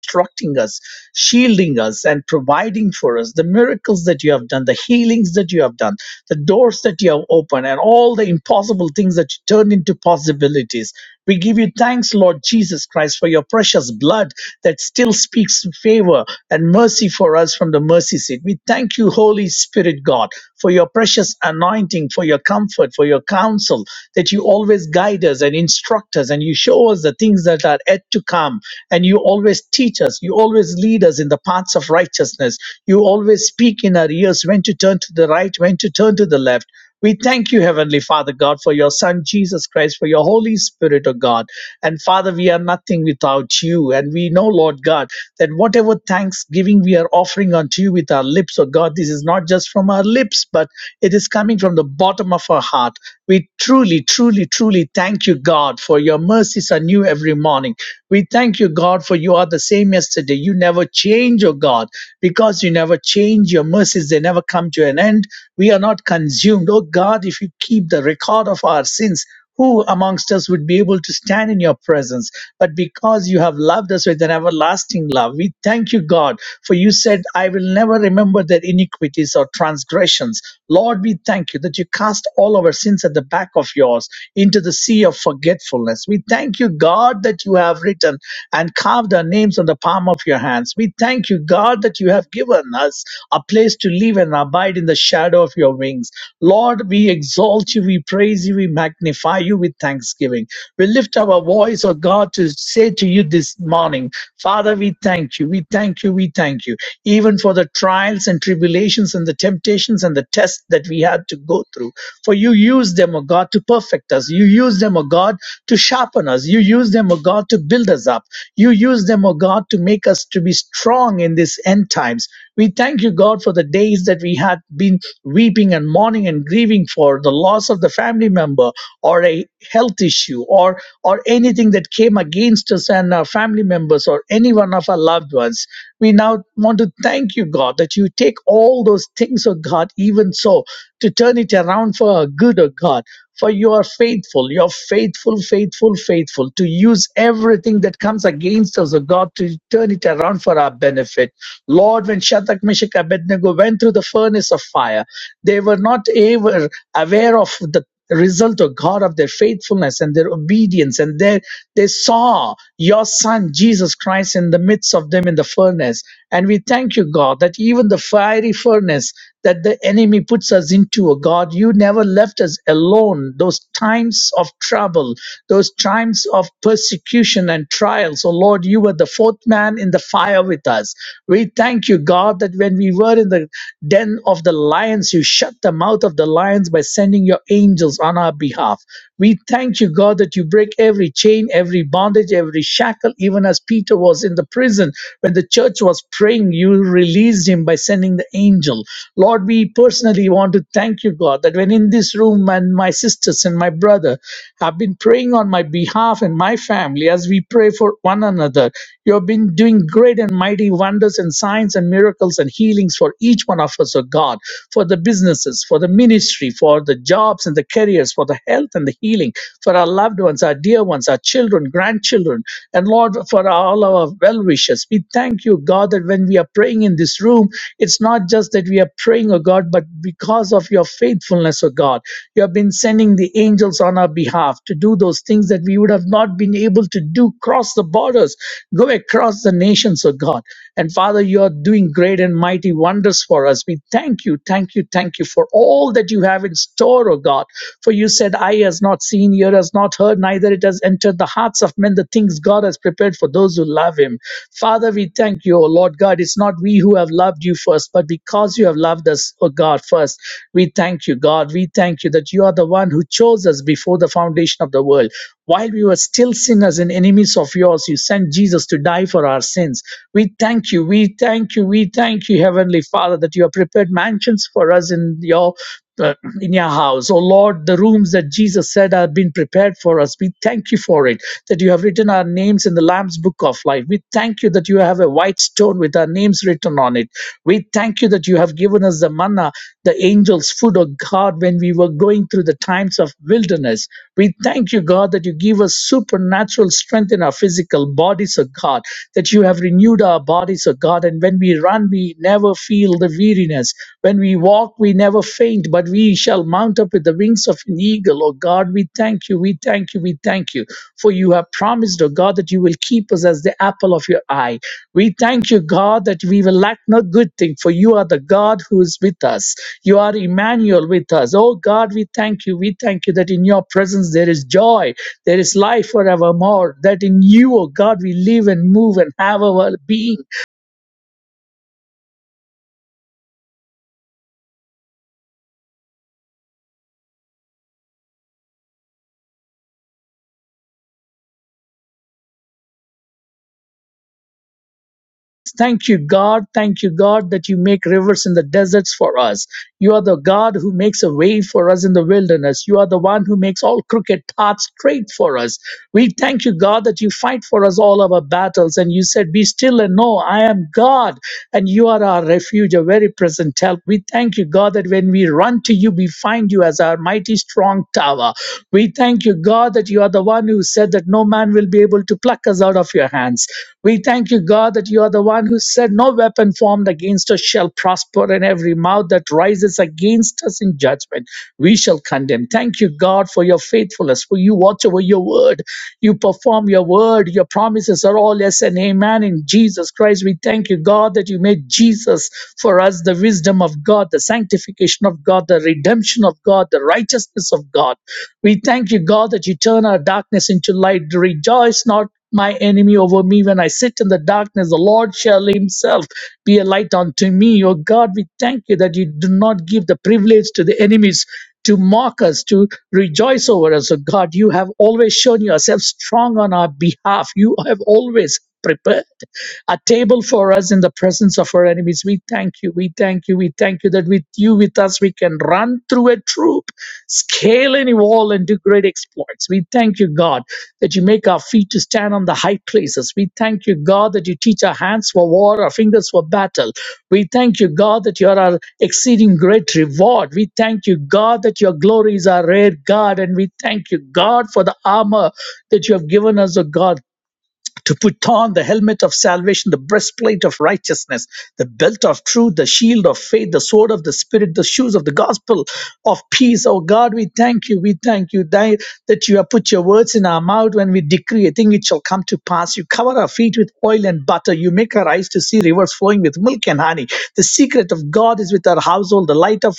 Speaker 11: instructing us, shielding us, and providing for us the miracles that you have done, the healings that you have done, the doors that you have opened, and all the impossible things that you turned into possibilities. We give you thanks, Lord Jesus Christ, for your precious blood that still speaks favor and mercy for us from the mercy seat. We thank you, Holy Spirit God, for your precious anointing, for your comfort, for your counsel, that you always guide us and instruct us and you show us the things that are yet to come. And you always teach us. You always lead us in the paths of righteousness. You always speak in our ears when to turn to the right, when to turn to the left. We thank you, Heavenly Father God, for your Son Jesus Christ, for your Holy Spirit, O God. And Father, we are nothing without you. And we know, Lord God, that whatever thanksgiving we are offering unto you with our lips, O God, this is not just from our lips, but it is coming from the bottom of our heart. We truly, truly, truly thank you, God, for your mercies are new every morning. We thank you, God, for you are the same yesterday. You never change, oh God, because you never change your mercies. They never come to an end. We are not consumed. Oh God, if you keep the record of our sins, who amongst us would be able to stand in your presence? But because you have loved us with an everlasting love, we thank you, God, for you said, I will never remember their iniquities or transgressions. Lord, we thank you that you cast all our sins at the back of yours into the sea of forgetfulness. We thank you, God, that you have written and carved our names on the palm of your hands. We thank you, God, that you have given us a place to live and abide in the shadow of your wings. Lord, we exalt you, we praise you praise you. We magnify you with thanksgiving. We lift our voice, oh God, to say to you this morning, Father, we thank you. We thank you. We thank you. Even for the trials and tribulations and the temptations and the tests that we had to go through. For you use them, oh God, to perfect us. You use them, oh God, to sharpen us. You use them, oh God, to build us up. You use them, oh God, to make us to be strong in these end times. We thank you, God, for the days that we had been weeping and mourning and grieving for the loss loss of the family member or a health issue or or anything that came against us and our family members or any one of our loved ones we now want to thank you god that you take all those things oh god even so to turn it around for our good oh god for you are faithful. You're faithful, faithful, faithful to use everything that comes against us, O God, to turn it around for our benefit. Lord, when Shadrach, Meshach, Abednego went through the furnace of fire, they were not ever aware of the result of God of their faithfulness and their obedience. And they, they saw your son, Jesus Christ, in the midst of them in the furnace. And we thank you, God, that even the fiery furnace that the enemy puts us into. Oh God, you never left us alone. Those times of trouble, those times of persecution and trials. Oh Lord, you were the fourth man in the fire with us. We thank you, God, that when we were in the den of the lions, you shut the mouth of the lions by sending your angels on our behalf. We thank you, God, that you break every chain, every bondage, every shackle, even as Peter was in the prison when the church was betraying you released him by sending the angel. Lord, we personally want to thank you, God, that when in this room and my sisters and my brother have been praying on my behalf and my family as we pray for one another, you have been doing great and mighty wonders and signs and miracles and healings for each one of us, O God, for the businesses, for the ministry, for the jobs and the careers, for the health and the healing, for our loved ones, our dear ones, our children, grandchildren. And Lord, reward for all our well wishes. We thank you, God, that when we are praying in this room, it's not just that we are praying, O God, but because of your faithfulness, O God, you have been sending the angels on our behalf to do those things that we would have not been able to do cross the borders, go across the nations, O God. And Father, you are doing great and mighty wonders for us. We thank you, thank you, thank you for all that you have in store, O God. For you said, Eye has not seen, ear has not heard, neither it has entered the hearts of men the things God has prepared for those who love him. Father, we thank you, O Lord God. It's not we who have loved you first, but because you have loved us, O God, first. We thank you, God. We thank you that you are the one who chose us before the foundation of the world. While we were still sinners and enemies of yours, you sent Jesus to die for our sins. We thank thank you. We thank you. We thank you, Heavenly Father, that you have prepared mansions for us in your uh, in your house. Oh Lord, the rooms that Jesus said have been prepared for us. We thank you for it, that you have written our names in the Lamb's book of life. We thank you that you have a white stone with our names written on it. We thank you that you have given us the manna, the angels' food, oh God, when we were going through the times of wilderness. We thank you, God, that you give us supernatural strength in our physical bodies, oh God, that you have renewed our bodies God is a God. And when we run, we never feel the weariness. When we walk, we never faint, but we shall mount up with the wings of an eagle. Oh God, we thank you, we thank you, we thank you. For you have promised, oh God, that you will keep us as the apple of your eye. We thank you, God, that we will lack no good thing, for you are the God who is with us. You are Emmanuel with us. Oh God, we thank you, we thank you that in your presence there is joy, there is life forevermore, that in you, oh God, we live and move and have our being. Thank you, God. Thank you, God, that you make rivers in the deserts for us. You are the God who makes a way for us in the wilderness. You are the one who makes all crooked paths straight for us. We thank you, God, that you fight for us all our battles. And you said, Be still and know I am God, and you are our refuge, a very present help. We thank you, God, that when we run run to you, we find you as our mighty strong tower. We thank you, God, that you are the one who said that no man will be able to pluck us out of your hands. We thank you, God, that you are the one who said, No weapon formed against us shall prosper, and every mouth that rises against us in judgment, we shall condemn. Thank you, God, for your faithfulness, for you watch over your word. You perform your word. Your promises are all yes and amen in Jesus Christ. We thank you, God, that you made Jesus for us the wisdom of God, the sanctification of God, the redemption of God, the righteousness of God. We thank you, God, that you turn our darkness into light. Rejoice not my enemy over me when I sit in the darkness. The Lord shall himself be a light unto me. O God, we thank you that you do not give the privilege to the enemies to mock us, to rejoice over us. O God, you have always shown yourself strong on our behalf. You have always prepared a table for us in the presence of our enemies. We thank you. We thank you. We thank you that with you with us, we can run through a troop, scale any wall, and do great exploits. We thank you, God, that you make our feet to stand on the high places. We thank you, God, that you teach our hands for war, our fingers for battle. We thank you, God, that you are our exceeding great reward. We thank you, God, that your glory is our rare God. And we thank you, God, for the armor that you have given us, O God to put on the helmet of salvation, the breastplate of righteousness, the belt of truth, the shield of faith, the sword of the Spirit, the shoes of the gospel of peace. Oh God, we thank you. We thank you tha- that you have put your words in our mouth when we decree a thing, it shall come to pass. You cover our feet with oil and butter. You make our eyes to see rivers flowing with milk and honey. The secret of God is with our household. The light of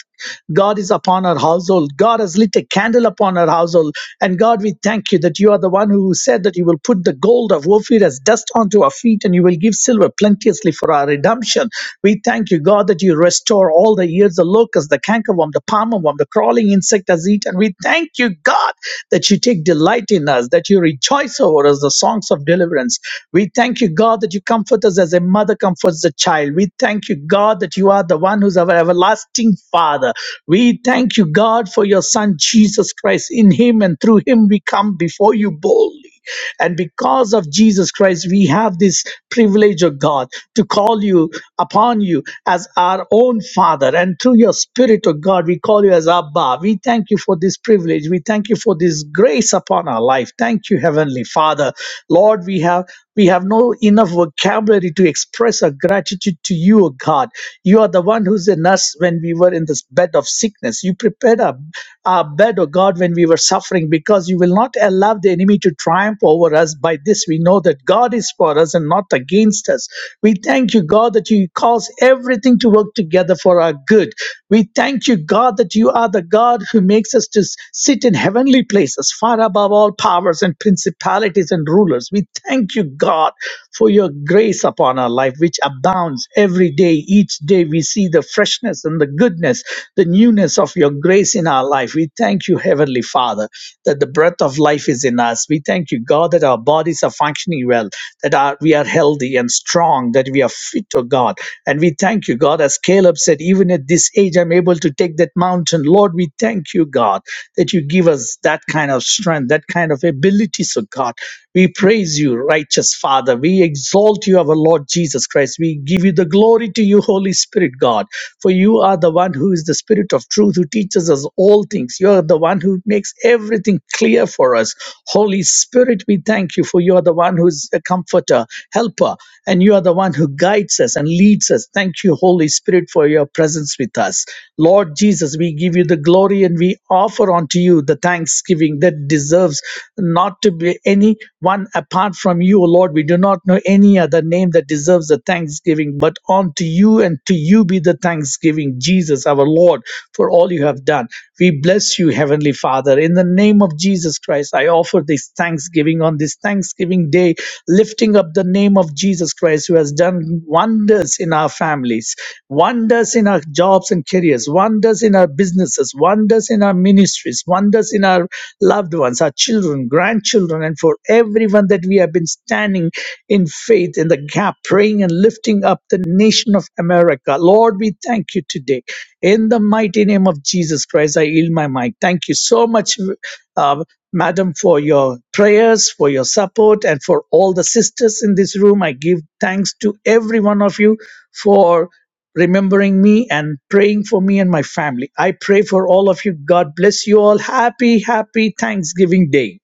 Speaker 11: God is upon our household. God has lit a candle upon our household. And God, we thank you that you are the one who said that you will put the gold of Ophir as dust onto our feet, and you will give silver plenteously for our redemption. We thank you, God, that you restore all the years the locust, the cankerworm, the palmerworm, the crawling insect has eaten. We thank you, God, that you take delight in us, that you rejoice over us, the songs of deliverance. We thank you, God, that you comfort us as a mother comforts the child. We thank you, God, that you are the one who's our everlasting Father. We thank you, God, for your Son, Jesus Christ. In him and through him, we come before you boldly. And because of Jesus Christ, we have this privilege of God to call you upon you as our own Father. And through your Spirit of God, we call you as Abba. We thank you for this privilege. We thank you for this grace upon our life. Thank you, Heavenly Father. Lord, we have we have no enough vocabulary to express our gratitude to you, O God. You are the one who's in us when we were in this bed of sickness. You prepared us our bed, O God, when we were suffering, because you will not allow the enemy to triumph over us. By this we know that God is for us and not against us. We thank you, God, that you cause everything to work together for our good. We thank you, God, that you are the God who makes us to s- sit in heavenly places, far above all powers and principalities and rulers. We thank you, God, for your grace upon our life, which abounds comes every day. Each day we see the freshness and the goodness, the newness of your grace in our life. We thank you, Heavenly Father, that the breath of life is in us. We thank you, God, that our bodies are functioning well, that our, we are healthy and strong, that we are fit, oh God. And we thank you, God, as Caleb said, even at this age, I'm able to take that mountain. Lord, we thank you, God, that you give us that kind of strength, that kind of ability, so God. We praise you, righteous Father. We exalt you, our Lord Jesus Christ. We give you the glory to you, Holy Spirit, God. For you are the one who is the Spirit of truth, who teaches us all things. You are the one who makes everything clear for us. Holy Spirit, we thank you, for you are the one who is a comforter, helper and you are the one who guides us and leads us. Thank you, Holy Spirit, for your presence with us. Lord Jesus, we give you the glory and we offer unto you the thanksgiving that deserves not to be any one apart from you, O Lord. We do not know any other name that deserves the thanksgiving, but unto you and to you be the thanksgiving, Jesus, our Lord, for all you have done. We bless you, Heavenly Father. In the name of Jesus Christ, I offer this thanksgiving on this on this Thanksgiving Day, lifting up the name of Jesus Christ, who has done wonders in our families, wonders in our jobs and careers, wonders in our businesses, wonders in our ministries, wonders in our loved ones, our children, grandchildren, and for everyone that we have been standing in faith in the gap, praying and lifting up the nation of America. Lord, we thank you today. In the mighty name of Jesus Christ, I yield my mic. Thank you so much, uh, Madam, for your prayers, for your support, and for all the sisters in this room. I give thanks to every one of you for remembering me and praying for me and my family. I pray for all of you. God bless you all. Happy, happy Thanksgiving Day.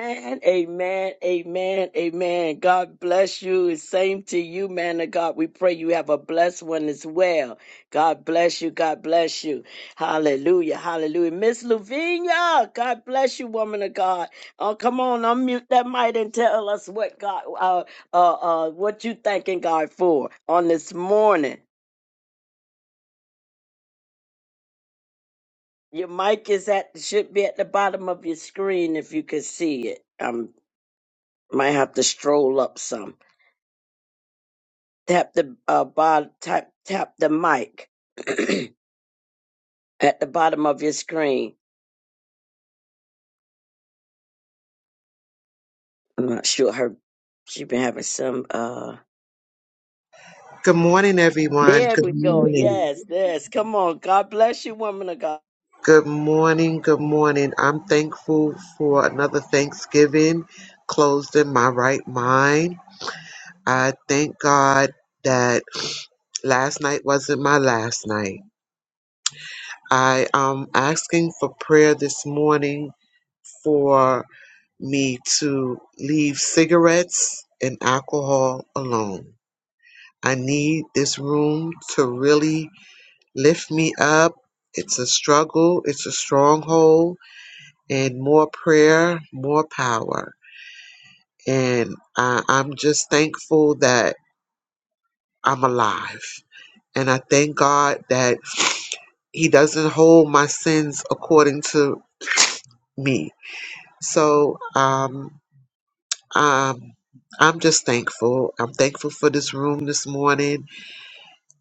Speaker 1: Amen, amen, amen, amen. God bless you. It's Same to you, man of God. We pray you have a blessed one as well. God bless you. God bless you. Hallelujah. Hallelujah. Miss Lavinia, God bless you, woman of God. Oh, come on, unmute that mic and tell us what God, uh, uh, uh, what you thanking God for on this morning. Your mic is at should be at the bottom of your screen if you could see it. I might have to stroll up some. Tap the uh, bot, tap, tap the mic at the bottom of your screen. I'm not sure her. She been having some. uh
Speaker 12: Good morning, everyone.
Speaker 1: There we
Speaker 12: Good
Speaker 1: go.
Speaker 12: morning.
Speaker 1: Yes, yes. Come on. God bless you, woman of God.
Speaker 12: Good morning. Good morning. I'm thankful for another Thanksgiving closed in my right mind. I thank God that last night wasn't my last night. I am asking for prayer this morning for me to leave cigarettes and alcohol alone. I need this room to really Lift me up. It's a struggle, it's a stronghold, and more prayer, more power. And I, I'm just thankful that I'm alive. And I thank God that He doesn't hold my sins according to me. So um, um, I'm just thankful. I'm thankful for this room this morning.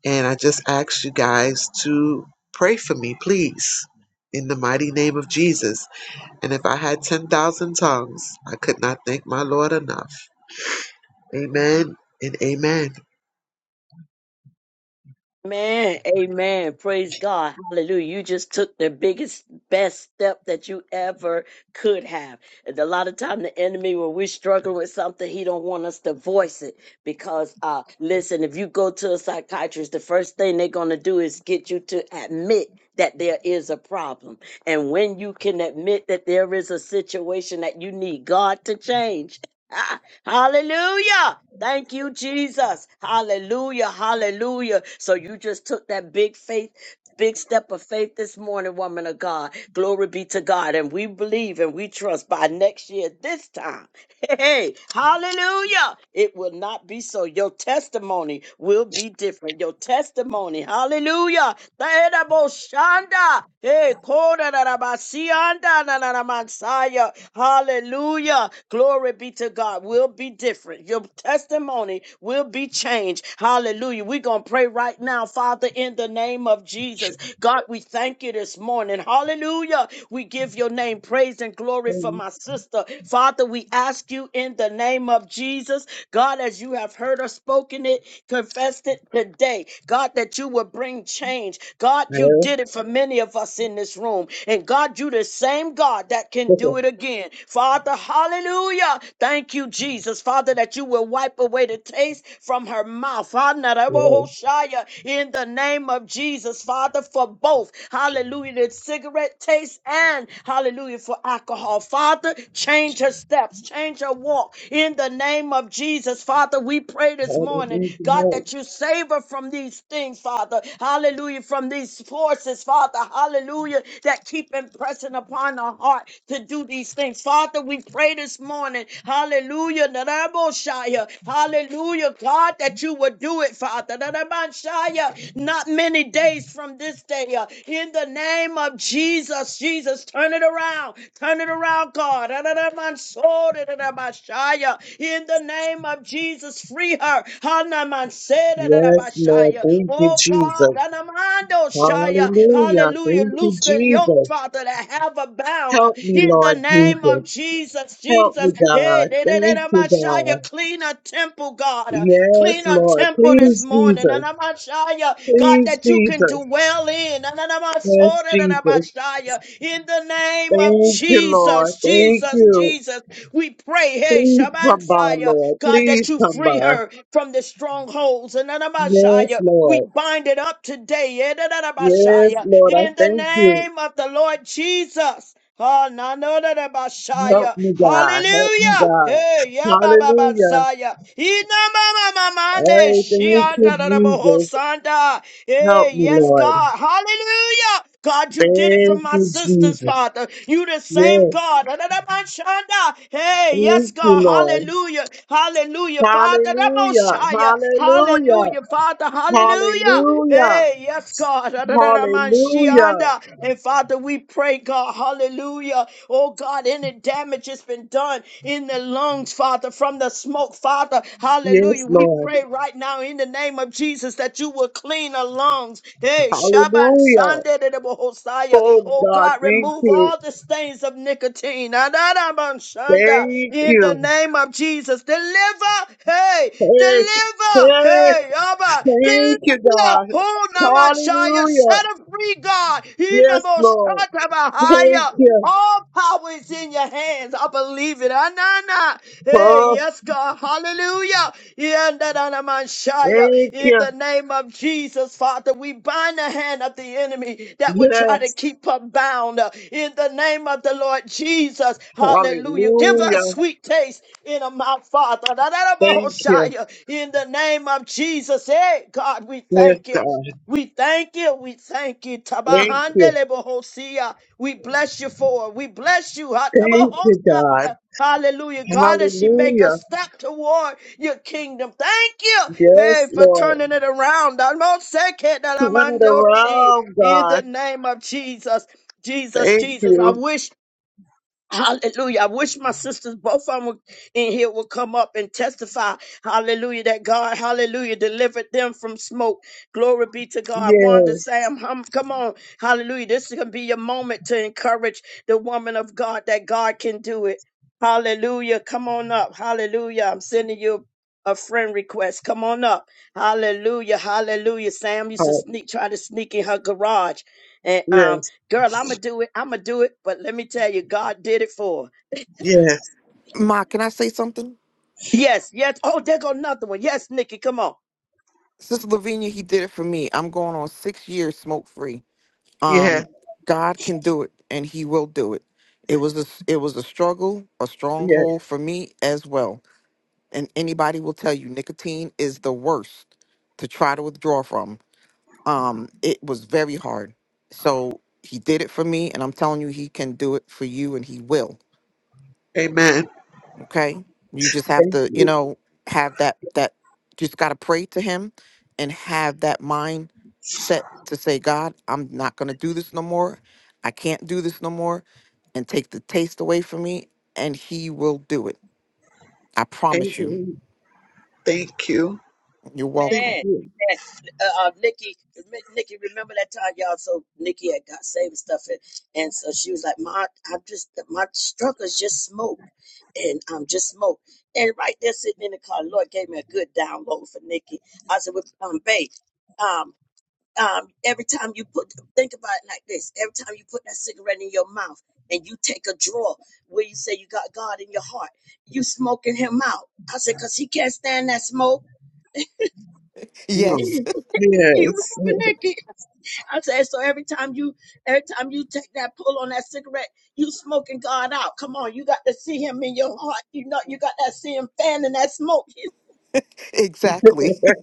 Speaker 12: And I just ask you guys to pray for me, please, in the mighty name of Jesus. And if I had 10,000 tongues, I could not thank my Lord enough. Amen and amen.
Speaker 1: Man, amen. Praise God. Hallelujah. You just took the biggest, best step that you ever could have. And a lot of time the enemy, when we're struggling with something, he don't want us to voice it. Because uh listen, if you go to a psychiatrist, the first thing they're gonna do is get you to admit that there is a problem. And when you can admit that there is a situation that you need God to change. Hallelujah. Thank you, Jesus. Hallelujah. Hallelujah. So you just took that big faith, big step of faith this morning, woman of God. Glory be to God. And we believe and we trust by next year, this time. Hey, hallelujah. It will not be so. Your testimony will be different. Your testimony, hallelujah. Tadadaboshanda. Hey, kodarabasianda nananamansaya. Hallelujah. Glory be to God. Will be different. Your testimony will be changed. Hallelujah. We're going to pray right now, Father, in the name of Jesus. God, we thank you this morning. Hallelujah. We give your name praise praise and glory for my sister. Father, we ask you in the name of Jesus, God, as you have heard us spoken it, confessed it today, God, that you will bring change. God, you
Speaker 12: Yes,
Speaker 1: did it for many of us in this room. And God, you the same God that can do it again. Father, hallelujah. Thank you, Jesus. Father, that you will wipe away the taste from her mouth.
Speaker 12: yes,
Speaker 1: Hallelujah. In the name of Jesus, Father, for both. hallelujah hallelujah, the cigarette taste and hallelujah for alcohol. Father, change her steps, change her walk in the name of Jesus. Father, we pray this morning, God,
Speaker 12: hallelujah.
Speaker 1: that you save her from these things, Father, hallelujah, from these forces, Father, hallelujah, that keep impressing upon her heart to do these things. Father, we pray this morning, hallelujah, Naraboshaya, hallelujah, God, that you would do it, Father. Narabanshaya, uh, not many days from this day. uh, in the name of Jesus, Jesus, turn it around. Turn it around, God. Ra-ra-ra-man-so-ra-ra-ra-ba-shaya. In the name of Jesus, free her.
Speaker 12: Yes, Lord.
Speaker 1: Ha-na-man-se-ra-ra-ra-ba-shaya.
Speaker 12: Thank you,
Speaker 1: Oh, God.
Speaker 12: Jesus.
Speaker 1: ra-na-man-do-shaya.
Speaker 12: Hallelujah.
Speaker 1: Hallelujah.
Speaker 12: Thank you,
Speaker 1: Loose the yoke,
Speaker 12: Jesus.
Speaker 1: Father, that have a bound.
Speaker 12: Help me,
Speaker 1: In the
Speaker 12: Lord
Speaker 1: name
Speaker 12: Jesus.
Speaker 1: of Jesus,
Speaker 12: Help
Speaker 1: Jesus.
Speaker 12: me,
Speaker 1: Hey,
Speaker 12: God. Thank you, God.
Speaker 1: ra-ra-ra-ra-ba-shaya. Clean a temple, God.
Speaker 12: Yes,
Speaker 1: Clean a
Speaker 12: Lord.
Speaker 1: temple this
Speaker 12: Please,
Speaker 1: morning.
Speaker 12: Jesus.
Speaker 1: Anamashaya, God,
Speaker 12: Please,
Speaker 1: that you can
Speaker 12: Jesus.
Speaker 1: dwell in.
Speaker 12: Yes,
Speaker 1: Ananamasora,
Speaker 12: Jesus.
Speaker 1: anamashaya. In the name of
Speaker 12: Thank you, Lord.
Speaker 1: Jesus,
Speaker 12: Thank
Speaker 1: Jesus,
Speaker 12: you.
Speaker 1: Jesus, we pray. Hey,
Speaker 12: Please come by,
Speaker 1: Shabansaya.
Speaker 12: Lord.
Speaker 1: God, that
Speaker 12: Please
Speaker 1: you
Speaker 12: come
Speaker 1: free
Speaker 12: by.
Speaker 1: her from the strongholds. And
Speaker 12: Yes,
Speaker 1: Anamashaya,
Speaker 12: Lord.
Speaker 1: we bind it up today. eh, da, da, da,
Speaker 12: Yes,
Speaker 1: Bashaya,
Speaker 12: Lord, I
Speaker 1: In the
Speaker 12: thank you.
Speaker 1: name of the Lord Jesus. oh, na, no, da, da,
Speaker 12: Help
Speaker 1: Bashaya.
Speaker 12: me, God. Help me,
Speaker 1: Hallelujah. Hey,
Speaker 12: God.
Speaker 1: yeah, ba, ba,
Speaker 12: Hallelujah.
Speaker 1: Ina, mama mama, ma, ma, de,
Speaker 12: I thank
Speaker 1: shia,
Speaker 12: you,
Speaker 1: da, da, da, bo, ho,
Speaker 12: Jesus.
Speaker 1: sanda.
Speaker 12: Help
Speaker 1: Hey,
Speaker 12: me,
Speaker 1: yes,
Speaker 12: Lord.
Speaker 1: God. Hallelujah. God, you did it for
Speaker 12: Thank
Speaker 1: my
Speaker 12: you,
Speaker 1: sisters,
Speaker 12: Jesus.
Speaker 1: Father. You the same
Speaker 12: Yes.
Speaker 1: God. Da-da-da-ba-shanda. Hey, yes,
Speaker 12: Thank you,
Speaker 1: God.
Speaker 12: Lord.
Speaker 1: Hallelujah. Hallelujah, Father.
Speaker 12: Hallelujah.
Speaker 1: Da-mo-shaya.
Speaker 12: Hallelujah.
Speaker 1: Hallelujah, Father. Hallelujah.
Speaker 12: Hallelujah.
Speaker 1: Hey, yes, God.
Speaker 12: Hallelujah.
Speaker 1: Da-da-da-da-man-shianda. And Father, we pray, God. Hallelujah. Oh God, any damage has been done in the lungs, Father, from the smoke, Father.
Speaker 12: Yes,
Speaker 1: Hallelujah. We
Speaker 12: Lord.
Speaker 1: pray right now in the name of Jesus that you will clean the lungs. Hey, Shaban
Speaker 12: Hallelujah.
Speaker 1: Sunday to the Bohosaya.
Speaker 12: Oh,
Speaker 1: Oh
Speaker 12: God.
Speaker 1: God,
Speaker 12: Thank
Speaker 1: remove
Speaker 12: you.
Speaker 1: all the stains of nicotine. Adadaban Shanda.
Speaker 12: Thank
Speaker 1: In the
Speaker 12: you.
Speaker 1: name of Jesus. Deliver. Hey,
Speaker 12: Hey,
Speaker 1: deliver.
Speaker 12: hey,
Speaker 1: Hey, Abba.
Speaker 12: thank
Speaker 1: Deliver.
Speaker 12: you, God.
Speaker 1: Who Namanshaya
Speaker 12: Hallelujah.
Speaker 1: set us free, God. He
Speaker 12: Yes, Lord.
Speaker 1: Namoshata
Speaker 12: Thank
Speaker 1: Bahaya.
Speaker 12: you,
Speaker 1: All power is in your hands. I believe it. Anana. Hey,
Speaker 12: Father.
Speaker 1: yes, God. Hallelujah. Yandananamanshaya.
Speaker 12: Thank
Speaker 1: In
Speaker 12: you.
Speaker 1: the name of Jesus, Father, we bind the hand of the enemy that would try to
Speaker 12: Yes.
Speaker 1: keep us bound. In the name of the Lord Jesus. Hallelujah. Give us
Speaker 12: Hallelujah.
Speaker 1: sweet taste in our mouth, Father.
Speaker 12: Thank you.
Speaker 1: Dadadabahoshaya. In the name of Jesus. Hey, God, we
Speaker 12: Yes,
Speaker 1: thank you.
Speaker 12: God.
Speaker 1: We thank you. We thank you.
Speaker 12: Thank you.
Speaker 1: Tabahandele bohosia. We bless you for it. We bless you.
Speaker 12: Thank you, God.
Speaker 1: Hatabahosia. Hallelujah. God, as she make a
Speaker 12: Hallelujah.
Speaker 1: step toward your kingdom. Thank you. Hey,
Speaker 12: Yes,
Speaker 1: for
Speaker 12: Lord.
Speaker 1: turning it around.
Speaker 12: Turn it
Speaker 1: Damosekedalamandochi.
Speaker 12: around,
Speaker 1: In the
Speaker 12: God.
Speaker 1: name of Jesus. Jesus,
Speaker 12: Thank
Speaker 1: Jesus, I
Speaker 12: you.
Speaker 1: wish Hallelujah. I wish my sisters, both of them were in here, would come up and testify. Hallelujah. That God, hallelujah, delivered them from smoke. Glory be to God. Wanda
Speaker 12: Yes.
Speaker 1: Sam, hum, come on. Hallelujah. This is going to be your moment to encourage the woman of God that God can do it. Hallelujah. Come on up. Hallelujah. I'm sending you a friend request. Come on up. Hallelujah. Hallelujah. Sam used to
Speaker 12: Oh,
Speaker 1: sneak, try to sneak in her garage. And
Speaker 12: yes,
Speaker 1: um, Girl, I'ma do it. I'ma do it. But let me tell you, God did it for. her.
Speaker 12: yes,
Speaker 6: ma can i say something
Speaker 1: Yes, yes. Oh, there go another one. Yes, Nikki, come on.
Speaker 6: sister lavinia he did it for me i'm going on six years smoke free
Speaker 12: yes,
Speaker 6: um god can do it and he will do it it was a, it was a struggle a
Speaker 12: yes.
Speaker 6: stronghold for me as well and anybody will tell you nicotine is the worst to try to withdraw from. Um, it was very hard. So he did it for me, and I'm telling you, he can do it for you, and he will.
Speaker 12: Amen.
Speaker 6: Okay, you just have
Speaker 12: Thank,
Speaker 6: to, you know, have that that just gotta pray to him, and have that mind set to say, God, I'm not gonna do this no more. I can't do this no more, and take the taste away from me, and he will do it. I
Speaker 12: thank,
Speaker 6: promise you.
Speaker 12: thank you.
Speaker 6: You're
Speaker 12: Thank
Speaker 6: welcome.
Speaker 1: Man,
Speaker 12: you.
Speaker 1: man. Uh, uh, Nikki, Mi- Nikki, remember that time y'all? So Nikki had got saved and stuff, and, and so she was like, "My, I'm just my struggle is just smoke, and I'm just smoke." And right there, sitting in the car, Lord gave me a good download for Nikki. I said, "With um, babe." um, um, every time you put think about it like this every time you put that cigarette in your mouth and you take a draw where you say you got god in your heart you smoking him out i said because he can't stand that smoke
Speaker 12: Mm.
Speaker 6: Yes.
Speaker 1: you
Speaker 12: Yes.
Speaker 1: remember nikki i said so every time you every time you take that pull on that cigarette you smoking god out come on you got to see him in your heart you know you got to see him fanning that smoke
Speaker 6: Exactly.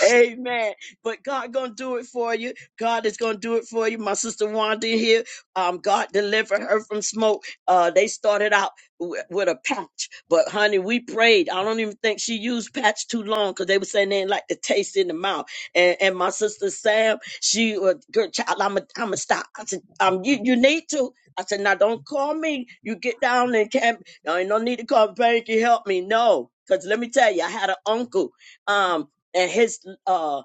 Speaker 1: Amen. But God gonna do it for you. God is gonna do it for you. My sister Wanda here. Um, God delivered her from smoke. Uh, they started out wi- with a patch, but honey, we prayed. I don't even think she used patch too long because they were saying they didn't like the taste in the mouth. And and my sister Sam, she was good child. I'm a I'm a stop. I said, um, you you need to. I said, now don't call me. You get down and can't. I ain't no need to call. Thank you. Help me. No. Cause let me tell you, I had an uncle. Um, and his uh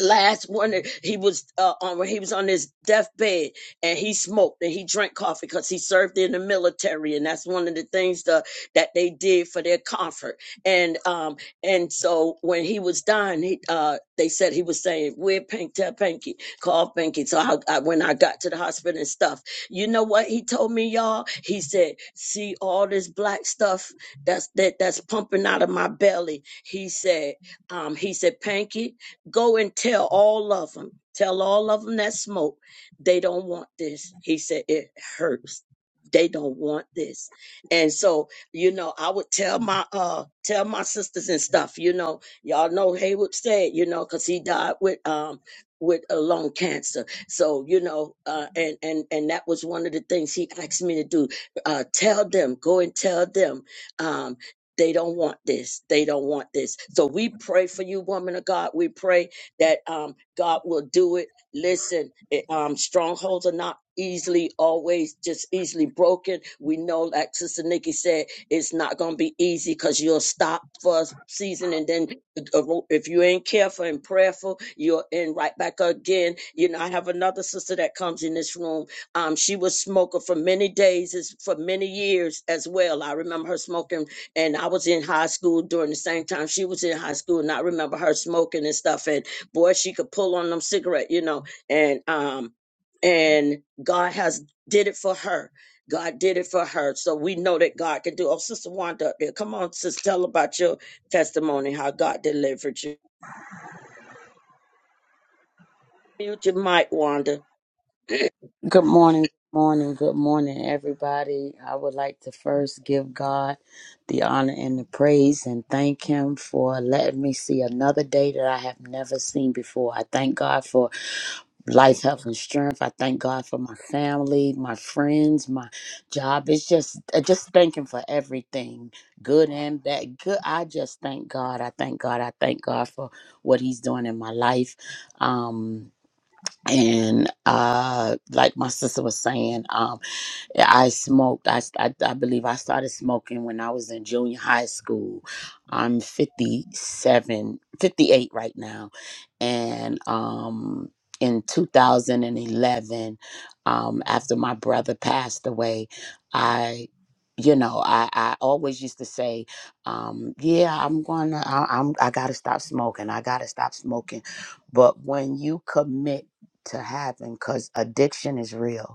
Speaker 1: last one that- he was uh, on when he was on his deathbed and he smoked and he drank coffee because he served in the military and that's one of the things the, that they did for their comfort and um and so when he was dying he uh they said he was saying we're pink tell pinky call pinky so I, I when i got to the hospital and stuff you know what he told me y'all he said see all this black stuff that's that that's pumping out of my belly he said um he said pinky Go and tell all of them. Tell all of them that smoke. They don't want this. He said, It hurts. They don't want this. And so, you know, I would tell my uh tell my sisters and stuff, you know. Y'all know Haywood said, you know, because he died with um with a lung cancer. So, you know, uh and and and that was one of the things he asked me to do. Uh tell them, go and tell them. Um they don't want this. They don't want this. So we pray for you, woman of God. We pray that um, God will do it. Listen, it, um, strongholds are not easily always just easily broken. We know, like Sister Nikki said, it's not going to be easy because you'll stop for a season and then uh, if you ain't careful and prayerful, you're in right back again. You know, I have another sister that comes in this room. Um, she was smoker for many days, is- for many years as well. I remember her smoking and I was in high school during the same time she was in high school, and I remember her smoking and stuff. And boy, she could pull on them cigarette, you know. And um, and God has did it for her. God did it for her, so we know that God can do. Oh, Sister Wanda up there, come on, sister, tell about your testimony, how God delivered you. Mute your mic, Wanda.
Speaker 13: Good morning, good morning, good morning, everybody. I would like to first give God the honor and the praise and thank Him for letting me see another day that I have never seen before. I thank God for life, health, and strength. I thank God for my family, my friends, my job. It's just, I just thank Him for everything, good and bad. Good. I just thank God. I thank God. I thank God for what He's doing in my life. Um, and uh like my sister was saying um I smoked. I, st- I I believe I started smoking when I was in junior high school. I'm 58 right now, and um in 2011, um after my brother passed away, I you know I I always used to say, um yeah I'm gonna I, I'm I gotta stop smoking. I gotta stop smoking, but when you commit to having, because addiction is real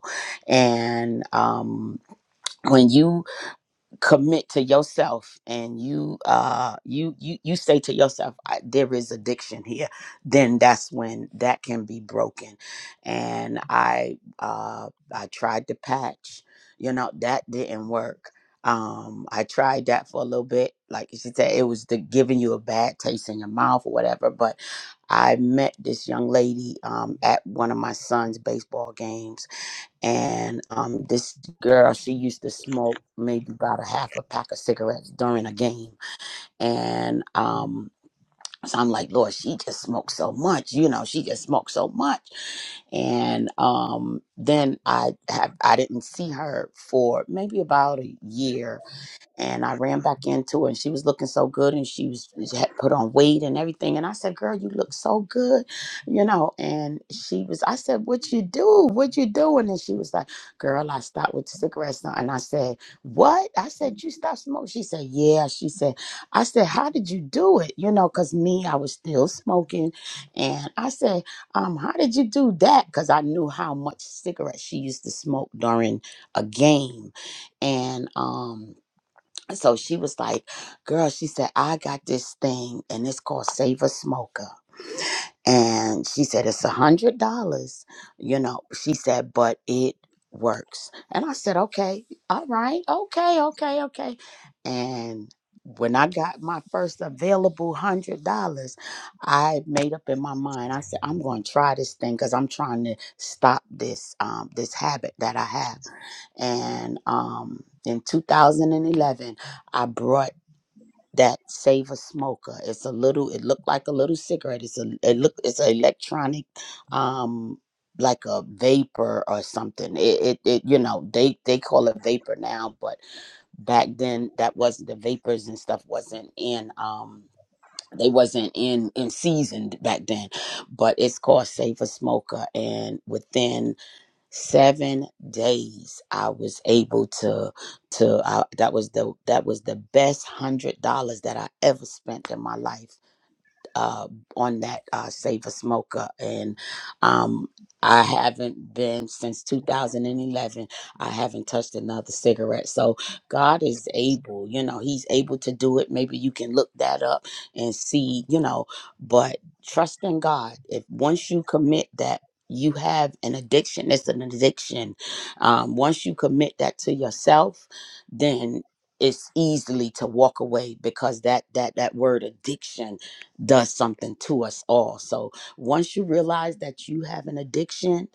Speaker 13: and um when you commit to yourself and you uh you you you say to yourself I, there is addiction here then that's when that can be broken and i uh i tried to patch you know that didn't work um i tried that for a little bit like she said it was the giving you a bad taste in your mouth or whatever but i met this young lady um at one of my son's baseball games and um, this girl she used to smoke maybe about a half a pack of cigarettes during a game and um so i'm like lord she just smoked so much you know she just smoked so much and um then i have i didn't see her for maybe about a year and I ran back into her, and she was looking so good, and she was she had put on weight and everything. And I said, "Girl, you look so good," you know. And she was, I said, "What you do? What you doing?" And she was like, "Girl, I stopped with cigarettes." now." And I said, "What?" I said, "You stopped smoking?" She said, "Yeah." She said, "I said, how did you do it?" You know, cause me, I was still smoking, and I said, "Um, how did you do that?" Cause I knew how much cigarettes she used to smoke during a game, and um. So she was like, Girl, she said, I got this thing and it's called Save a Smoker and she said it's a hundred dollars you know she said but it works and i said okay all right okay okay okay and when i got my first available hundred dollars i made up in my mind i said i'm going to try this thing because i'm trying to stop this um this habit that i have and um in 2011 i brought that save a smoker. It's a little. It looked like a little cigarette. It's a. It look. It's an electronic, um, like a vapor or something. It, it. It. You know. They. They call it vapor now, but back then that wasn't the vapors and stuff wasn't in. Um. They wasn't in in season back then, but it's called Save a Smoker, and within seven days i was able to to I, that was the that was the best hundred dollars that i ever spent in my life uh, on that uh, Save a Smoker, and um, I haven't been since 2011. I haven't touched another cigarette. So God is able, you know, He's able to do it. Maybe you can look that up and see, you know, but trust in God. If once you commit that, you have an addiction. It's an addiction. Um, once you commit that to yourself, then it's easily to walk away because that that that word addiction does something to us all. So once you realize that you have an addiction,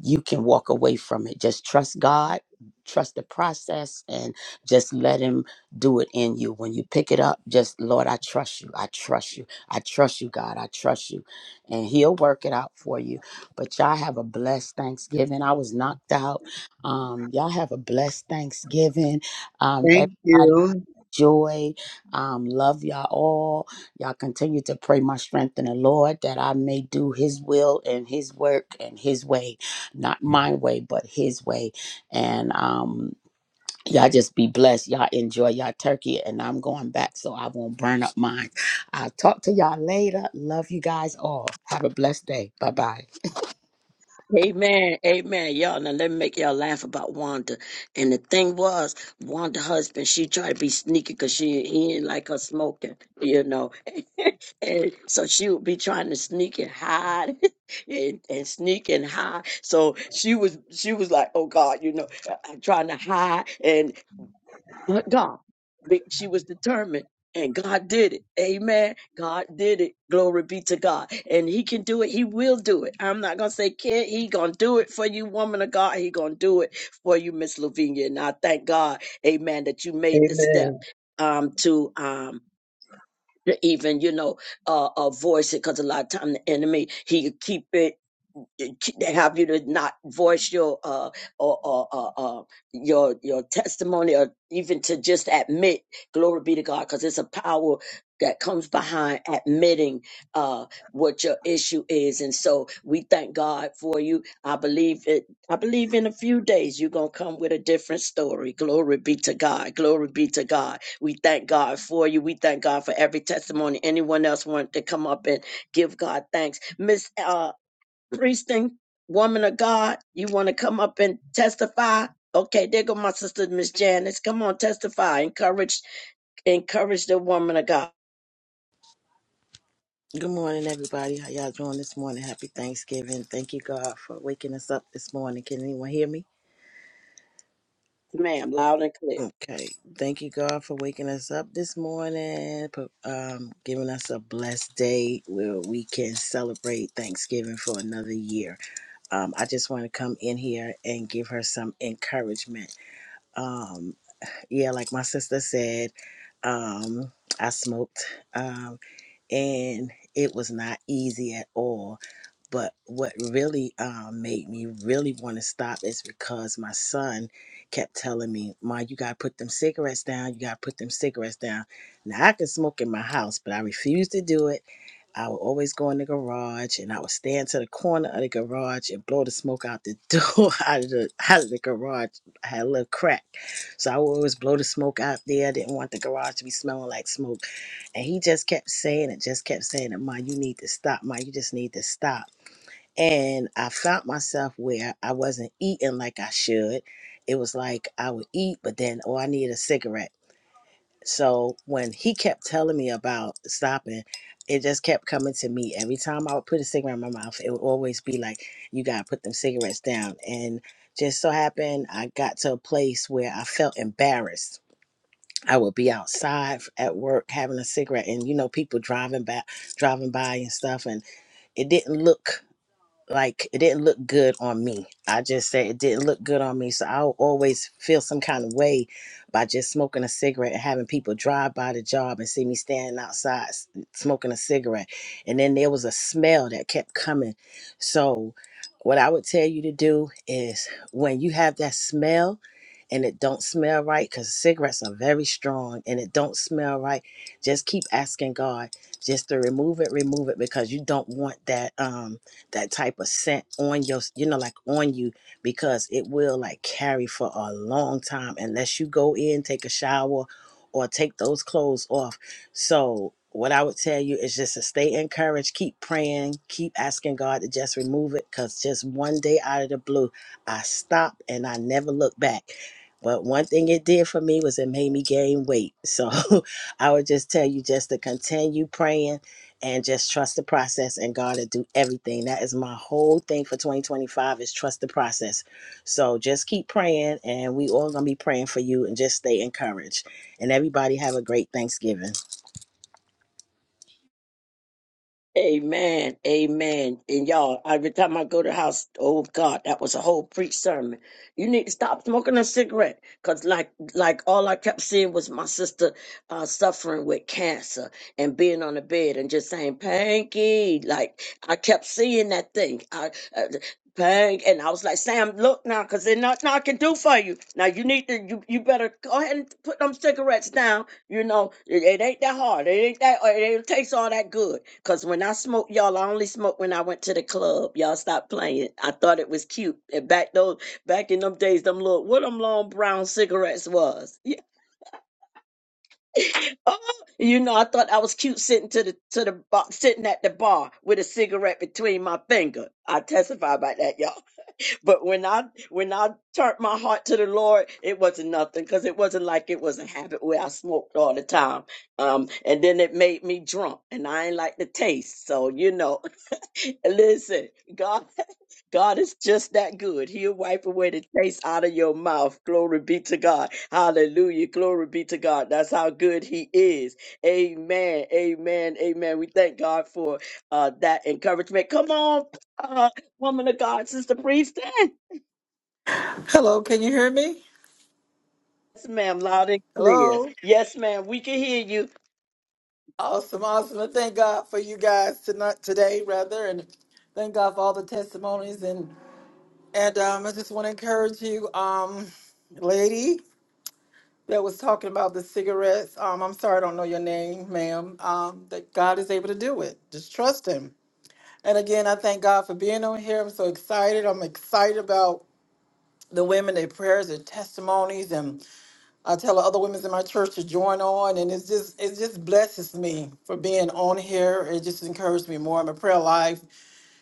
Speaker 13: you can walk away from it. Just trust God, trust the process, and just let Him do it in you. When you pick it up, just Lord, I trust you. I trust you. I trust you, God. I trust you. And He'll work it out for you. But y'all have a blessed Thanksgiving. I was knocked out. Um, y'all have a blessed Thanksgiving. Um,
Speaker 12: Thank
Speaker 13: everybody
Speaker 12: you.
Speaker 13: joy. Um, love y'all all. Y'all continue to pray my strength in the Lord that I may do His will and His work and His way, not my way, but His way. And um, y'all just be blessed. Y'all enjoy y'all turkey, and I'm going back so I won't burn up mine. I'll talk to y'all later. Love you guys all. Have a blessed day. Bye
Speaker 1: Amen, amen, y'all. Now let me make y'all laugh about Wanda. And the thing was, Wanda husband, she tried to be sneaky because she he didn't like her smoking, you know. and so she would be trying to sneak and hide, and, and sneak and hide. So she was she was like, oh God, you know, I'm trying to hide, and." but God. Be- She was determined, and God did it. Amen. God did it. Glory be to God. And He can do it. He will do it. I'm not gonna say can. He gonna do it for you, woman of God. He gonna do it for you, Miss Lavinia. And I thank God, Amen, that you made the
Speaker 12: Amen.
Speaker 1: step um, to um, to even you know uh, uh voice it because a lot of time the enemy he keep it they have you to not voice your uh or, or, or uh, your your testimony or even to just admit glory be to god because it's a power that comes behind admitting uh what your issue is and so we thank god for you i believe it i believe in a few days you're gonna come with a different story glory be to god glory be to god we thank god for you we thank god for every testimony anyone else want to come up and give god thanks miss uh, Priesting, woman of God, you want to come up and testify? Okay, there go my sister, Miss Janice. Come on, testify. Encourage, encourage the woman of God,
Speaker 14: Good morning, everybody. How y'all doing this morning? Happy Thanksgiving. Thank you, God, for waking us up this morning. Can anyone hear me?
Speaker 1: ma'am, loud and clear.
Speaker 14: Okay. Thank you, God, for waking us up this morning, for, um, giving us a blessed day where we can celebrate Thanksgiving for another year. Um, I just want to come in here and give her some encouragement. Um, yeah, like my sister said, um, I smoked. Um, and it was not easy at all. But what really um, made me really want to stop is because my son kept telling me, "Ma, you gotta put them cigarettes down. You gotta put them cigarettes down." Now I could smoke in my house, but I refused to do it. I would always go in the garage, and I would stand to the corner of the garage and blow the smoke out the door out of the out of the garage. I had a little crack, so I would always blow the smoke out there. Didn't want the garage to be smelling like smoke. And he just kept saying it, just kept saying it, Ma, you need to stop, Ma, you just need to stop. And I found myself where I wasn't eating like I should. It was like I would eat, but then, oh, I need a cigarette. So when he kept telling me about stopping, it just kept coming to me. Every time I would put a cigarette in my mouth, it would always be like, you got to put them cigarettes down. And just so happened, I got to a place where I felt embarrassed I would be outside at work having a cigarette, and you know, people driving by, driving by and stuff, and it didn't look like it didn't look good on me. I just said it didn't look good on me. So I'll always feel some kind of way by just smoking a cigarette and having people drive by the job and see me standing outside s- smoking a cigarette. And then there was a smell that kept coming. So what I would tell you to do is when you have that smell and it don't smell right because cigarettes are very strong and it don't smell right just keep asking god just to remove it remove it because you don't want that um that type of scent on your you know like on you because it will like carry for a long time unless you go in take a shower or take those clothes off so what i would tell you is just to stay encouraged keep praying keep asking god to just remove it because just one day out of the blue i stopped and i never looked back but one thing it did for me was it made me gain weight so i would just tell you just to continue praying and just trust the process and God will do everything. That is my whole thing for 2025 is trust the process. So just keep praying and we all gonna be praying for you and just stay encouraged. And everybody have a great Thanksgiving.
Speaker 1: Amen, amen. And y'all, every time I go to the house, oh God, that was a whole preach sermon. You need to stop smoking a cigarette, cause like, like all I kept seeing was my sister uh, suffering with cancer and being on the bed and just saying, "Panky," like I kept seeing that thing. I, uh, Dang. And I was like, Sam, look now, because there's nothing I can do for you. Now you need to, you, you better go ahead and put them cigarettes down. You know, it, it ain't that hard. It ain't that, it, ain't taste all that good. Because when I smoke, y'all, I only smoked when I went to the club. Y'all stopped playing. I thought it was cute. And back those, back in them days, them little, what them long brown cigarettes was. Yeah. Oh, you know, I thought I was cute sitting to the, to the bar, sitting at the bar with a cigarette between my finger. I testify about that, y'all. But when I when I turned my heart to the Lord, it wasn't nothing because it wasn't like it was a habit where I smoked all the time. Um, and then it made me drunk, and I ain't like the taste. So you know, listen, God, God is just that good. He'll wipe away the taste out of your mouth. Glory be to God. Hallelujah. Glory be to God. That's how good He is. Amen. Amen. Amen. We thank God for uh, that encouragement. Come on, uh, woman of God, sister priestess.
Speaker 15: Hello, can you hear me?
Speaker 1: Yes, ma'am. Loud and clear.
Speaker 15: Hello.
Speaker 1: Yes, ma'am. We can hear you.
Speaker 15: Awesome, awesome. And thank God for you guys tonight, today, rather, and thank God for all the testimonies. And and um, I just want to encourage you, um, lady that was talking about the cigarettes. Um, I'm sorry, I don't know your name, ma'am. Um, that God is able to do it. Just trust Him. And again, I thank God for being on here. I'm so excited. I'm excited about the women, their prayers, their testimonies, and. I tell other women in my church to join on, and it's just it just blesses me for being on here. It just encouraged me more. My prayer life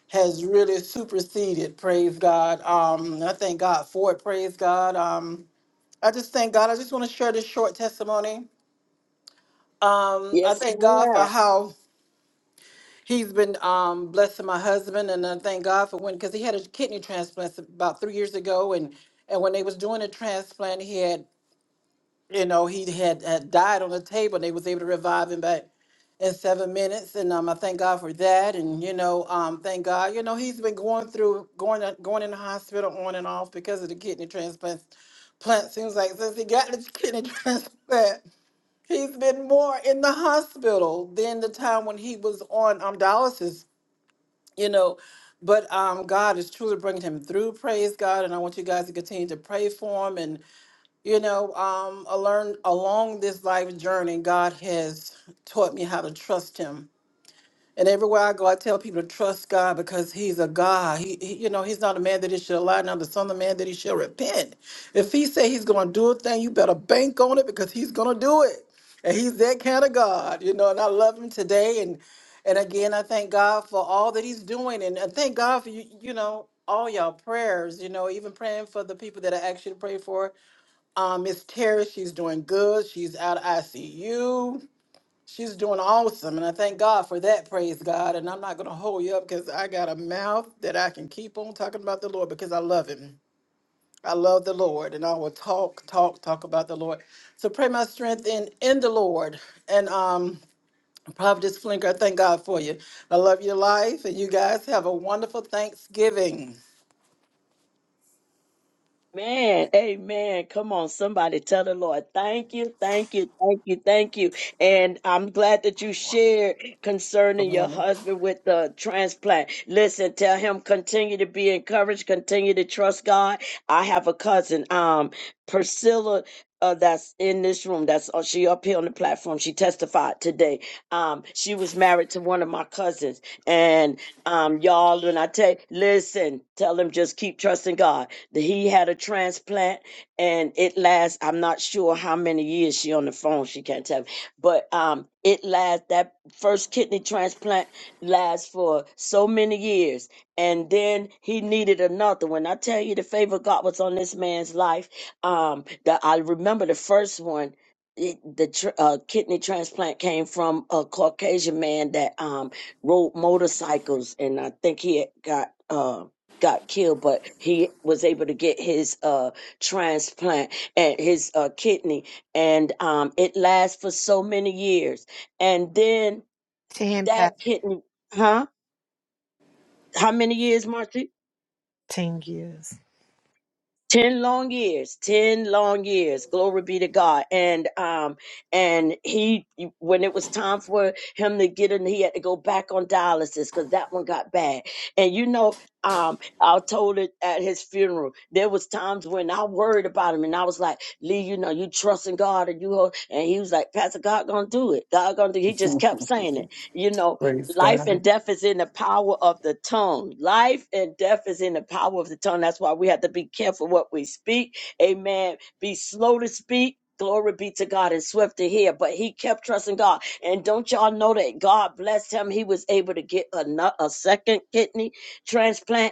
Speaker 15: has really superseded. Praise God. Um, I thank God for it. Praise God. Um, I just thank God. I just want to share this short testimony. Um, I
Speaker 1: Yes,
Speaker 15: thank God for
Speaker 1: ma'am.
Speaker 15: how He's been um, blessing my husband, and I thank God for when because he had a kidney transplant about three years ago, and and when they was doing the transplant, he had you know, he had, had died on the table and they was able to revive him back in seven minutes. And um, I thank God for that. And, you know, um, thank God, you know, he's been going through, going, uh, going in the hospital on and off because of the kidney transplant. Plant seems like since he got the kidney transplant, he's been more in the hospital than the time when he was on um, dialysis, you know. But um, God is truly bringing him through. Praise God. And I want you guys to continue to pray for him. and. You know, um, I learned along this life journey, God has taught me how to trust Him. And everywhere I go, I tell people to trust God because He's a God. He, he you know, He's not a man that He should lie, not the Son of Man that He shall repent. If He say He's going to do a thing, you better bank on it because He's going to do it. And He's that kind of God, you know. And I love Him today, and and again, I thank God for all that He's doing, and I thank God for you, you know, all y'all prayers. You know, even praying for the people that I actually pray for um, Miss Terry, she's doing good. She's out of ICU. She's doing awesome, and I thank God for that. Praise God. And I'm not gonna hold you up because I got a mouth that I can keep on talking about the Lord because I love Him. I love the Lord, and I will talk, talk, talk about the Lord. So pray my strength in in the Lord. And um, Providence Flinker, I thank God for you. I love your life, and you guys have a wonderful Thanksgiving.
Speaker 1: Man, amen. Come on, somebody tell the Lord, thank you, thank you, thank you, thank you. And I'm glad that you shared
Speaker 15: Good
Speaker 1: concerning your
Speaker 15: morning.
Speaker 1: husband with the transplant. Listen, tell him continue to be encouraged, continue to trust God. I have a cousin, um, Priscilla, uh, that's in this room. That's oh, she up here on the platform. She testified today. Um, she was married to one of my cousins, and Um, y'all, when I tell listen, tell him just keep trusting God. That he had a transplant and it lasts, I'm not sure how many years she on the phone, she can't tell me. But um it lasts that first kidney transplant lasts for so many years. And then he needed another. When I tell you the favor of God was on this man's life, um, that I remember the first one. It, the tr- uh, kidney transplant came from a Caucasian man that um rode motorcycles and I think he had got uh got killed but he was able to get his uh transplant and his uh kidney and um it lasts for so many years and then
Speaker 7: 10 past
Speaker 1: that kidney huh how many years Marcy
Speaker 7: 10 years.
Speaker 1: 10 long years 10 long years glory be to god and um and he when it was time for him to get in he had to go back on dialysis because that one got bad and you know um i told it at his funeral there was times when i worried about him and i was like lee you know you trust in god and you ho-" and he was like pastor god gonna do it god gonna do it. he just kept saying it you know
Speaker 15: Praise
Speaker 1: Life
Speaker 15: God.
Speaker 1: and death is in the power of the tongue. Life and death is in the power of the tongue. That's why we have to be careful what we speak. Amen. Be slow to speak. Glory be to God and swift to hear. But he kept trusting God. And don't y'all know that God blessed him? He was able to get a, nu- a second kidney transplant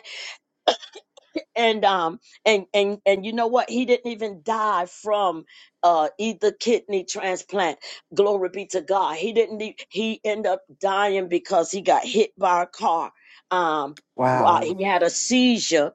Speaker 1: and um and and and you know what? He didn't even die from uh either kidney transplant. Glory be to God. He didn't e- he ended up dying because he got hit by a car. Um while
Speaker 15: Wow.
Speaker 1: he had a seizure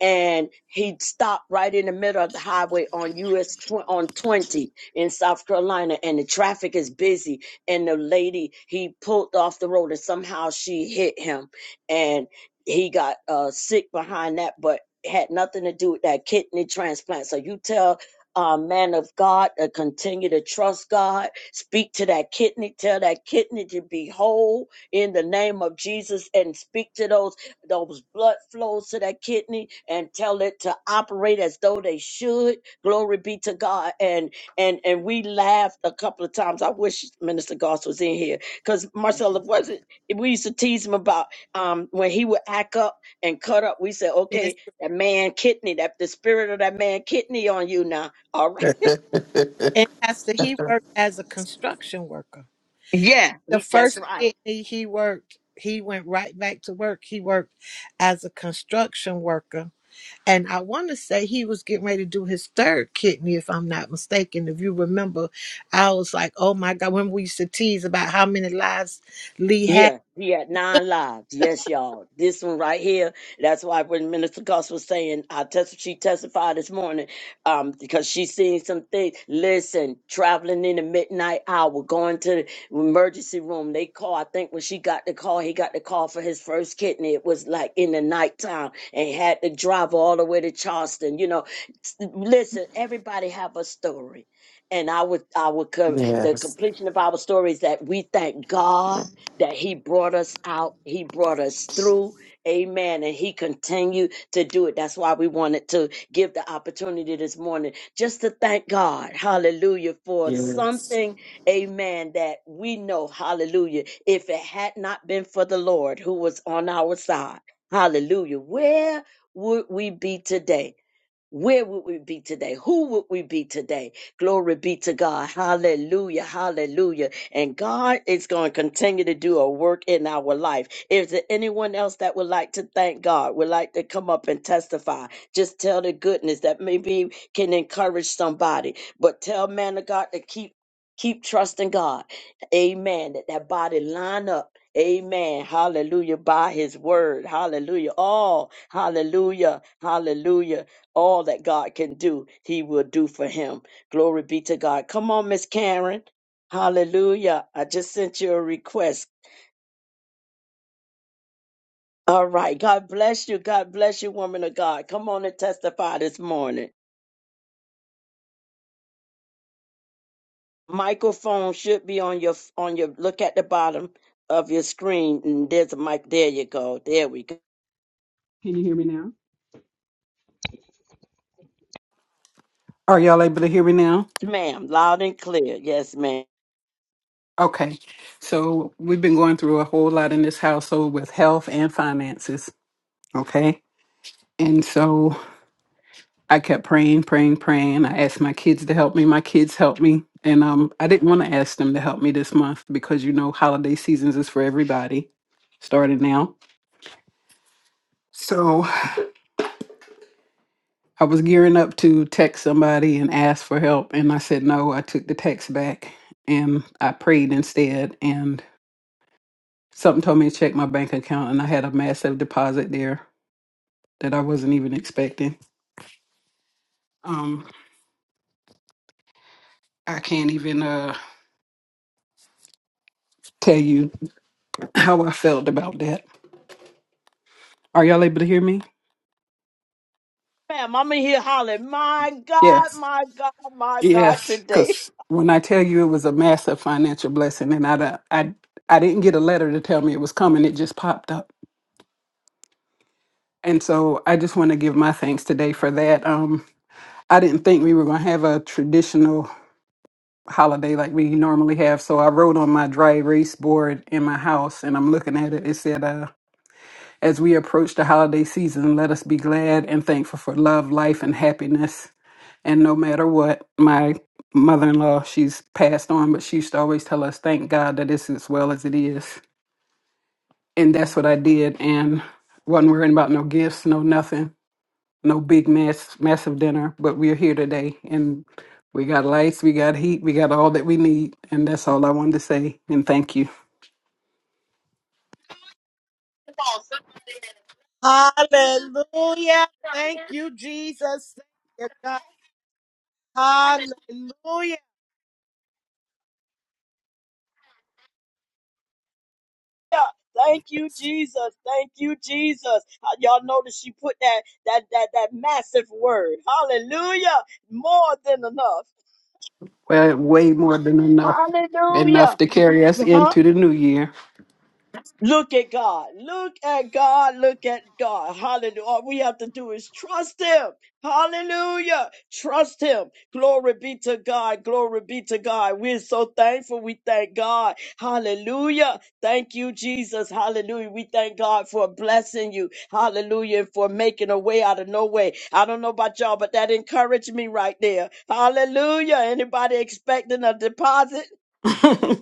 Speaker 1: and he stopped right in the middle of the highway on US tw- on 20 in South Carolina and the traffic is busy and the lady he pulled off the road and somehow she hit him and he got uh sick behind that but it had nothing to do with that kidney transplant. So you tell uh, man of God to continue to trust God, speak to that kidney, tell that kidney to be whole in the name of Jesus, and speak to those those blood flows to that kidney and tell it to operate as though they should. Glory be to God. And and and we laughed a couple of times. I wish Minister Goss was in here because Marcella wasn't. We used to tease him about um when he would act up and cut up. We said, okay,
Speaker 7: Yes.
Speaker 1: that man kidney, that the spirit of that man kidney on you now. All right.
Speaker 7: And Pastor, he worked as a construction worker.
Speaker 1: Yeah.
Speaker 7: The
Speaker 1: He- That's
Speaker 7: first
Speaker 1: right.
Speaker 7: kidney he worked, he went right back to work. He worked as a construction worker And I want to say he was getting ready to do his third kidney, if I'm not mistaken. If you remember, I was like, oh my God, when we used to tease about how many lives Lee had.
Speaker 1: Yeah, he had nine lives. Yes, y'all. This one right here. That's why when Minister Cost was saying, I test she testified this morning, um, because she seen some things. Listen, traveling in the midnight hour, going to the emergency room. They call. I think when she got the call, he got the call for his first kidney. It was like in the nighttime, and had to drive all the way to Charleston. You know, S- listen, everybody have a story, and I would, I would, co- the completion of our story is that we thank God that he brought us out, he brought us through. Amen. And he continued to do it. That's why we wanted to give the opportunity this morning just to thank God, hallelujah, for something, amen, that we know, hallelujah, if it had not been for the Lord who was on our side, hallelujah, where would we be today? Where would we be today? Who would we be today? Glory be to God. Hallelujah. Hallelujah. And God is going to continue to do a work in our life. Is there anyone else that would like to thank God, would like to come up and testify? Just tell the goodness that maybe can encourage somebody. But tell man of God to keep keep trusting God. Amen. That that body line up. Amen. Hallelujah. By his word. Hallelujah. All. hallelujah. Hallelujah all that God can do, he will do for him. Glory be to God. Come on, Miss Karen. Hallelujah. I just sent you a request. All right. God bless you. God bless you, woman of God. Come on and testify this morning. Microphone should be on your on your look at the bottom of your screen. And there's a mic. There you go. There we go.
Speaker 16: Can you hear me now? Are y'all able to hear me now?
Speaker 1: Yes, Ma'am, loud and clear. Yes, ma'am.
Speaker 16: Okay. So we've been going through a whole lot in this household with health and finances. Okay. And so I kept praying, praying, praying. I asked my kids to help me. My kids helped me. And um, I didn't want to ask them to help me this month because you know holiday seasons is for everybody, starting now. So I was gearing up to text somebody and ask for help, and I said no. I took the text back and I prayed instead, and. Something told me to check my bank account, and I had a massive deposit there that I wasn't even expecting. Um, I can't even uh tell you how I felt about that. Are y'all able to hear me?
Speaker 1: Ma'am, I'm in here hollering, my God,
Speaker 16: Yes,
Speaker 1: my God, my God,
Speaker 16: yes.
Speaker 1: today.
Speaker 16: Because when I tell you it was a massive financial blessing, and I don't- I I didn't get a letter to tell me it was coming; it just popped up. And so I just want to give my thanks today for that. Um, I didn't think we were going to have a traditional holiday like we normally have. So I wrote on my dry erase board in my house and I'm looking at it. It said, uh, As we approach the holiday season, let us be glad and thankful for love, life, and happiness. And no matter what, my mother in law, she's passed on, but she used to always tell us, Thank God that it's as well as it is. And that's what I did. And wasn't worrying about no gifts, no nothing no big mass massive dinner, but we're here today and we got lights, we got heat, we got all that we need, and that's all I wanted to say. And thank you.
Speaker 7: Hallelujah. Thank you, Jesus. Thank you, God. Hallelujah.
Speaker 1: Thank you, Jesus. Thank you, Jesus. Uh, Y'all notice she put that that that that massive word. Hallelujah. More than enough.
Speaker 16: Well, way more than enough, enough
Speaker 1: Hallelujah.
Speaker 16: to carry us
Speaker 1: Huh?
Speaker 16: into the new year.
Speaker 1: Look at God. Look at God. Look at God. Hallelujah. All we have to do is trust Him. Hallelujah. Trust Him. Glory be to God. Glory be to God. We're so thankful. We thank God. Hallelujah. Thank you, Jesus. Hallelujah. We thank God for blessing you. Hallelujah. and For making a way out of no way. I don't know about y'all, but that encouraged me right there. Hallelujah. Anybody expecting a deposit?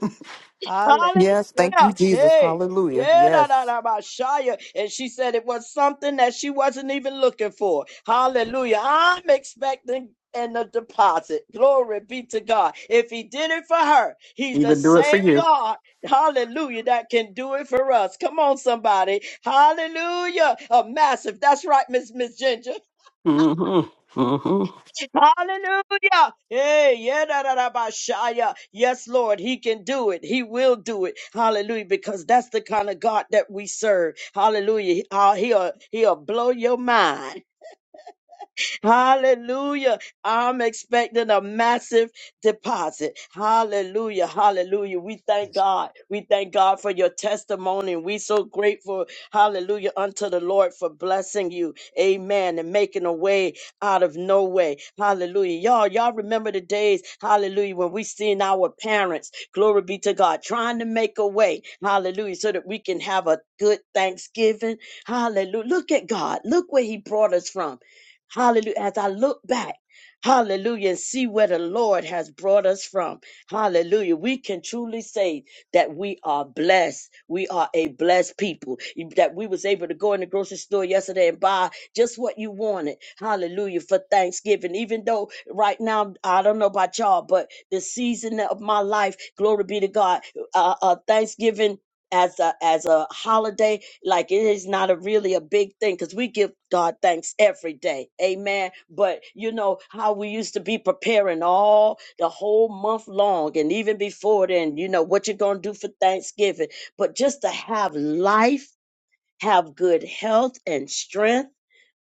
Speaker 7: Hallelujah.
Speaker 6: Yes. Thank you,
Speaker 1: Hallelujah.
Speaker 7: Jesus.
Speaker 6: Jesus.
Speaker 1: Hey.
Speaker 6: Hallelujah.
Speaker 1: Yeah, da, da,
Speaker 6: Yes.
Speaker 1: da, ba, Shia. And she said it was something that she wasn't even looking for. Hallelujah. I'm expecting and a deposit. Glory be to God. If he did it for her, he's the
Speaker 16: Even do it for
Speaker 1: same
Speaker 16: you.
Speaker 1: God. Hallelujah. That can do it for us. Come on, somebody. Hallelujah. A massive. That's right, Miss Miss Ginger.
Speaker 16: hmm hmm
Speaker 1: Hallelujah. Hey, yeah, da, da, da, ba, shaya. Yes, Lord, He can do it. He will do it. Hallelujah. Because that's the kind of God that we serve. Hallelujah. He- uh, He'll, he'll blow your mind. Hallelujah. I'm expecting a massive deposit. Hallelujah. Hallelujah. We thank God. We thank God for your testimony. We so grateful. Hallelujah. Unto the Lord for blessing you. Amen. And making a way out of no way. Hallelujah. Y'all, y'all remember the days, hallelujah, when we seen our parents, glory be to God, trying to make a way. Hallelujah. So that we can have a good Thanksgiving. Hallelujah. Look at God. Look where He brought us from. Hallelujah. As I look back, hallelujah, and see where the Lord has brought us from, hallelujah, we can truly say that we are blessed. We are a blessed people. That we was able to go in the grocery store yesterday and buy just what you wanted, hallelujah, for Thanksgiving. Even though right now, I don't know about y'all, but the season of my life, glory be to God, uh, uh, Thanksgiving as a as a holiday like it is not a really a big thing because we give god thanks every day amen but you know how we used to be preparing all the whole month long and even before then you know what you're gonna do for thanksgiving but just to have life have good health and strength.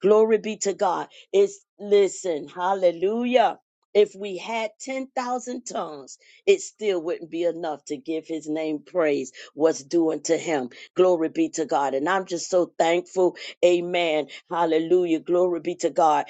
Speaker 1: Glory be to God. It's listen, hallelujah. If we had 10,000 tongues, it still wouldn't be enough to give his name praise, what's due unto him. Glory be to God. And I'm just so thankful. Amen. Hallelujah. Glory be to God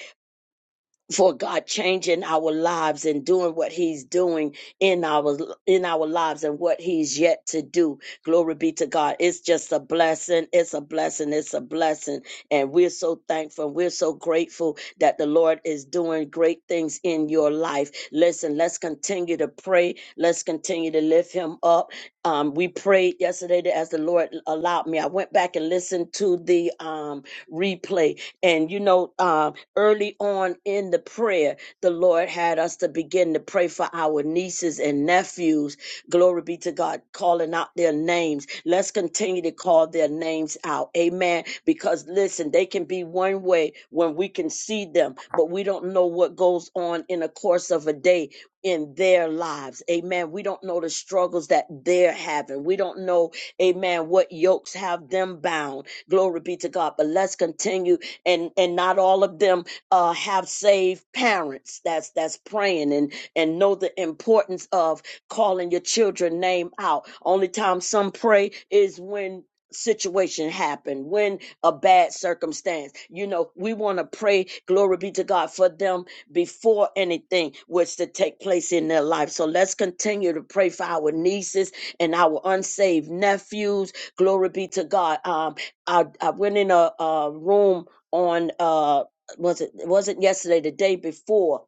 Speaker 1: for God changing our lives and doing what he's doing in our in our lives and what he's yet to do. Glory be to God. It's just a blessing. It's a blessing. It's a blessing. And we're so thankful. We're so grateful that the Lord is doing great things in your life. Listen, let's continue to pray. Let's continue to lift him up. Um, we prayed yesterday that as the Lord allowed me. I went back and listened to the um, replay. And, you know, um, early on in the prayer, the Lord had us to begin to pray for our nieces and nephews. Glory be to God, calling out their names. Let's continue to call their names out. Amen. Because, listen, they can be one way when we can see them, but we don't know what goes on in the course of a day in their lives. Amen. We don't know the struggles that they're having. We don't know, amen, what yokes have them bound. Glory be to God. But let's continue and and not all of them uh have saved parents. That's that's praying and and know the importance of calling your children name out. Only time some pray is when situation happen when a bad circumstance you know we want to pray glory be to god for them before anything was to take place in their life. So let's continue to pray for our nieces and our unsaved nephews. Glory be to God. Um, I, I went in a, a room on uh was it was it wasn't yesterday the day before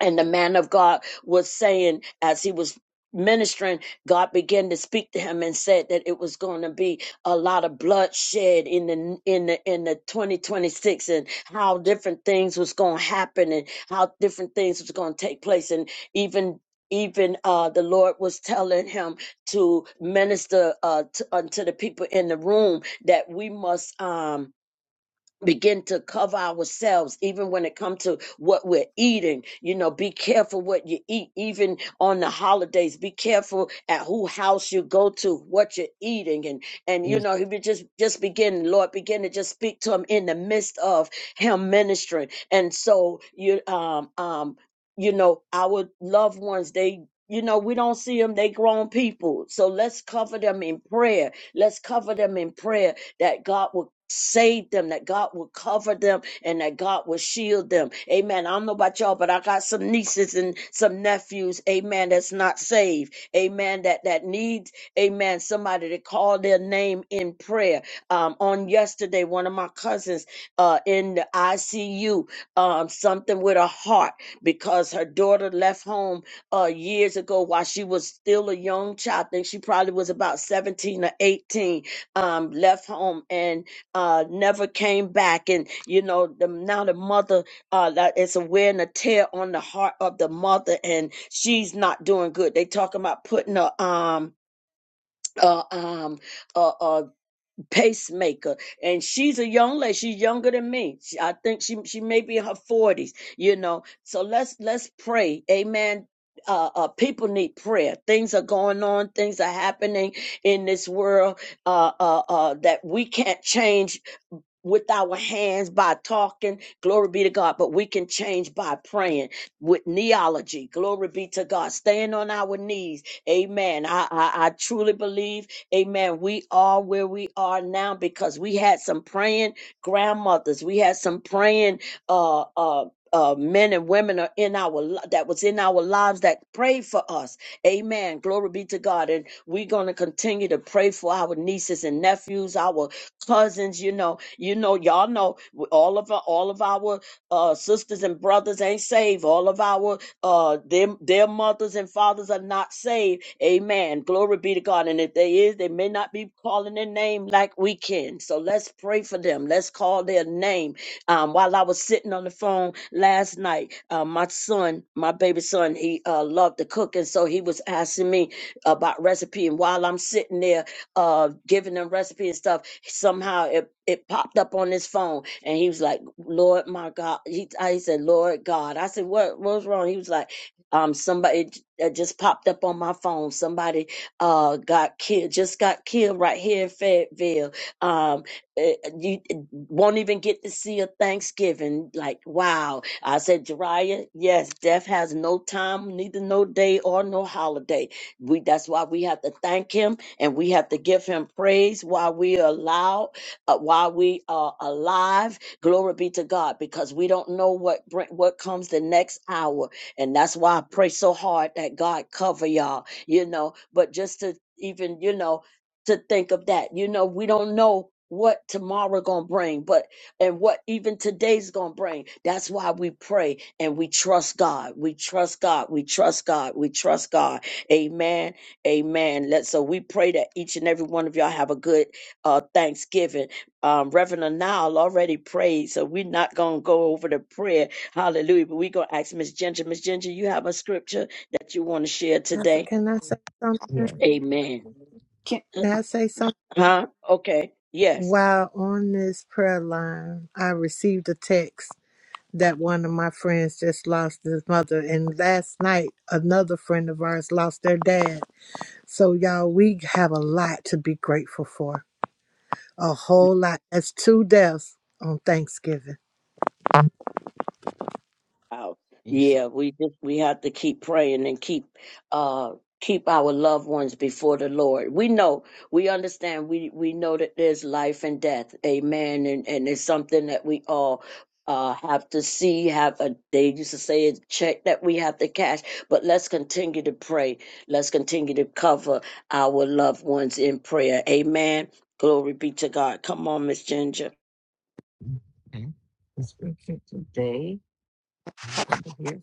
Speaker 1: and the man of God was saying as he was ministering, God began to speak to him and said that it was going to be a lot of bloodshed in the in the in the 2026 and how different things was going to happen and how different things was going to take place and even even uh the lord was telling him to minister uh to, unto the people in the room that we must um begin to cover ourselves even when it comes to what we're eating you know be careful what you eat even on the holidays be careful at who house you go to what you're eating and and you
Speaker 13: bye.
Speaker 1: know he would just just begin lord begin to just speak to him in the midst of him ministering and so you um um you know our loved ones they you know we don't see them they grown people so let's cover them in prayer let's cover them in prayer that God would save them, that God would cover them, and that God would shield them. Amen. I don't know about y'all, but I got some nieces and some nephews, amen, that's not saved. Amen. That that needs, amen, somebody to call their name in prayer. Um, on yesterday, one of my cousins uh in the ICU, um, something with her heart because her daughter left home uh years ago while she was still a young child. I think she probably was about 17 or 18 um, left home and uh, never came back. And you know, the, now the mother uh, that is wearing a tear on the heart of the mother, and she's not doing good. They talking about putting a um. Uh, um, pacemaker and she's a young lady she's younger than me she, i think she she may be in her 40s you know so let's let's pray amen uh, uh people need prayer things are going on things are happening in this world uh uh, uh that we can't change with our hands by talking. Glory be to God. But we can change by praying with neology. Glory be to God. Staying on our knees. Amen. I, I, I truly believe, amen, we are where we are now because we had some praying grandmothers. We had some praying uh uh uh, men and women are in our li- that was in our lives that prayed for us. Amen. Glory be to God. And we're going to continue to pray for our nieces and nephews, our cousins you know you know y'all know all of our all of our uh sisters and brothers ain't saved all of our uh their, their mothers and fathers are not saved amen glory be to god and if they is they may not be calling their name like we can so let's pray for them let's call their name um while i was sitting on the phone last night uh my son my baby son he uh loved to cook and so he was asking me about recipe and while i'm sitting there uh giving them recipe and stuff somehow it, it popped up on his phone and he was like lord my god he, I, he said lord god i said what what's wrong he was like um somebody that just popped up on my phone somebody uh got killed just got killed right here in fayetteville um eh, you eh, won't even get to see a thanksgiving like wow i said jariah yes death has no time neither no day or no holiday we that's why we have to thank him and we have to give him praise while we are allowed, uh, while we are alive. Glory be to God, because we don't know what bring, what comes the next hour, and that's why I pray so hard that God cover y'all. You know, but just to even you know to think of that, you know, we don't know what tomorrow gonna bring, but and what even today's gonna bring. That's why we pray and we trust God. We trust God. We trust God. We trust God. Amen. Amen. Let so we pray that each and every one of y'all have a good uh Thanksgiving. Um, Reverend Anil already prayed, so we're not gonna go over the prayer. Hallelujah. But we're gonna ask Miss Ginger. Miss Ginger, you have a scripture that you want to share
Speaker 7: Pastor,
Speaker 1: today?
Speaker 7: can I say something?
Speaker 3: Yeah.
Speaker 1: Amen. Uh,
Speaker 7: Can I say something?
Speaker 1: Huh? Okay. Yes.
Speaker 7: While on this prayer line, I received a text that one of my friends just lost his mother. And last night, another friend of ours lost their dad. So, y'all, we have a lot to be grateful for. A whole lot. That's two deaths on Thanksgiving.
Speaker 1: out. Yeah, we just we have to keep praying and keep uh keep our loved ones before the Lord. We know, we understand, we we know that there's life and death. Amen. And and it's something that we all uh, have to see, have a they used to say a check that we have to cash, but let's continue to pray. Let's continue to cover our loved ones in prayer. Amen. Glory be to God. Come on, Miss Ginger.
Speaker 3: Okay. The scripture today here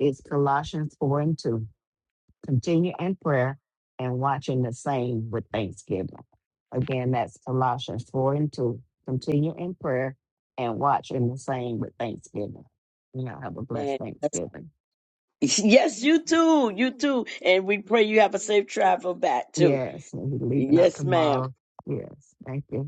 Speaker 3: is Colossians four and two. continue in prayer and watching the same with thanksgiving. Again, that's Colossians 4 and 2. Continue in prayer and watching the same with thanksgiving. You know, have a blessed
Speaker 1: Man.
Speaker 3: Thanksgiving.
Speaker 1: Yes, you too. You too. And we pray you have a safe travel back too.
Speaker 3: Yes, and we're leaving out
Speaker 1: Yes, ma'am.
Speaker 3: tomorrow. Yes, thank you.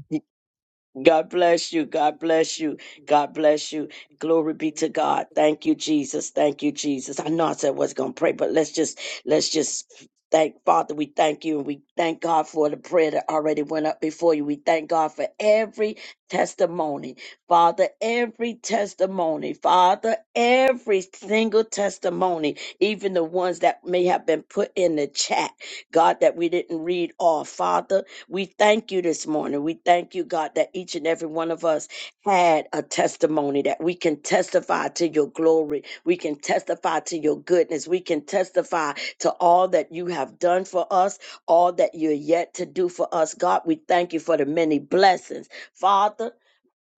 Speaker 1: God bless you. God bless you. God bless you. Glory be to God. Thank you, Jesus. Thank you, Jesus. I know I said I was gonna pray, but let's just let's just thank Father. We thank you and we thank God for the prayer that already went up before you. We thank God for every testimony, Father, every testimony, Father, every single testimony, even the ones that may have been put in the chat, God, that we didn't read all, Father. We thank you this morning. We thank you, God, that each and every one of us had a testimony that we can testify to your glory. We can testify to your goodness. We can testify to all that you have done for us, all that you're yet to do for us. God, we thank you for the many blessings. Father,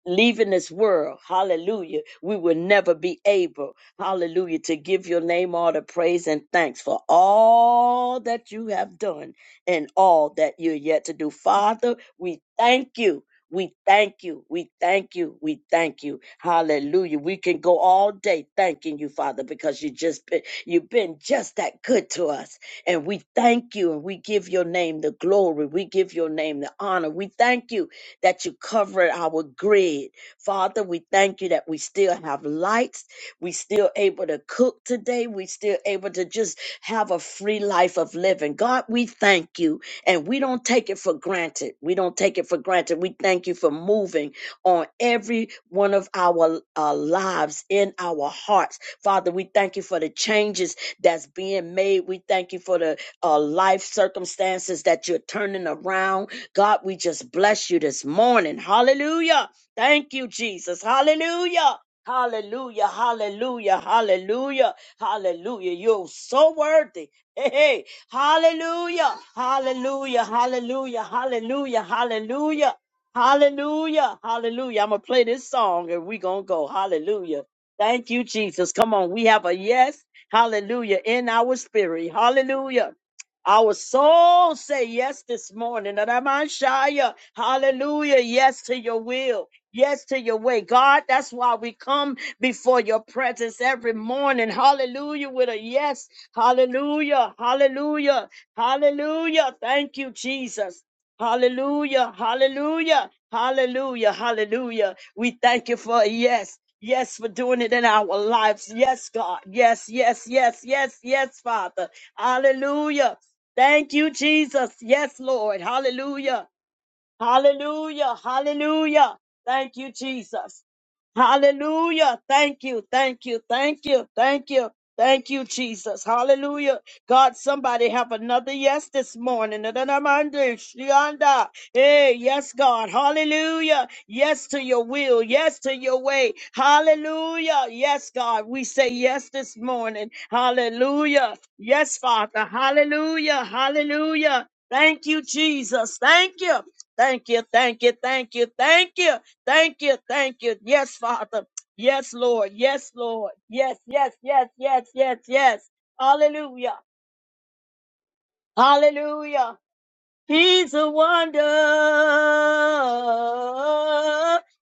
Speaker 1: leaving this world, hallelujah, we will never be able, hallelujah, to give your name all the praise and thanks for all that you have done and all that you're yet to do. Father, we thank you. We thank you. We thank you. We thank you. Hallelujah. We can go all day thanking you, Father, because you just been, you've been just that good to us. And we thank you and we give your name the glory. We give your name the honor. We thank you that you covered our grid. Father, we thank you that we still have lights. We still able to cook today. We still able to just have a free life of living. God, we thank you. And we don't take it for granted. We don't take it for granted. We thank you for moving on every one of our uh, lives in our hearts. Father, we thank you for the changes that's being made. We thank you for the uh, life circumstances that you're turning around. God, we just bless you this morning. Hallelujah. Thank you, Jesus. Hallelujah. Hallelujah, hallelujah, hallelujah, hallelujah. You're so worthy. Hey, hey, hallelujah, hallelujah, hallelujah, hallelujah, hallelujah, hallelujah, hallelujah. I'm going to play this song and we're going to go. Hallelujah. Thank you, Jesus. Come on, we have a yes, hallelujah, in our spirit. Hallelujah. Our soul say yes this morning. And I'm on Shia. Hallelujah. Yes to your will. Yes to your way. God, that's why we come before your presence every morning. Hallelujah. With a yes. Hallelujah. Hallelujah. Hallelujah. Thank you, Jesus. Hallelujah. Hallelujah. Hallelujah. Hallelujah. We thank you for a yes. Yes, for doing it in our lives. Yes, God. Yes, yes, yes, yes, yes, Father. Hallelujah. Thank you, Jesus. Yes, Lord. Hallelujah. Hallelujah. Hallelujah. Thank you, Jesus. Hallelujah. Thank you. Thank you. Thank you. Thank you. Thank you, Jesus. Hallelujah. God, somebody have another yes this morning. da da shianda. Hey, yes, God. Hallelujah. Yes to your will. Yes to your way. Hallelujah. Yes, God. We say yes this morning. Hallelujah. Yes, Father. Hallelujah. Hallelujah. Thank you, Jesus. Thank you. Thank you. Thank you. Thank you. Thank you. Thank you, thank you. Yes, Father. Yes, Lord. Yes, Lord. Yes, yes, yes, yes, yes, yes. Hallelujah. Hallelujah. He's a wonder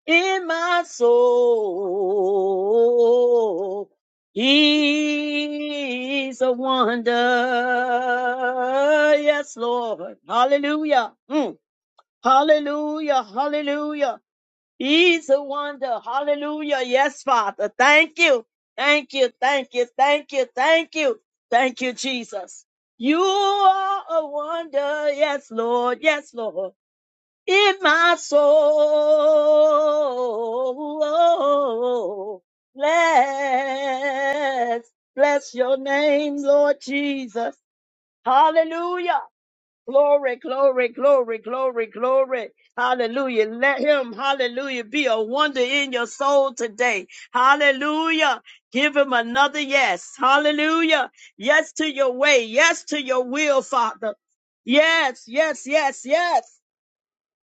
Speaker 1: in my soul. He's a wonder. Yes, Lord. Hallelujah. Mm. Hallelujah. Hallelujah. He's a wonder. Hallelujah. Yes, Father. Thank you. Thank you. Thank you. Thank you. Thank you. Thank you, Jesus. You are a wonder. Yes, Lord. Yes, Lord. In my soul. Bless. Bless your name, Lord Jesus. Hallelujah. Glory, glory, glory, glory, glory. Hallelujah. Let him, hallelujah, be a wonder in your soul today. Hallelujah. Give him another yes. Hallelujah. Yes to your way. Yes to your will, Father. Yes, yes, yes, yes.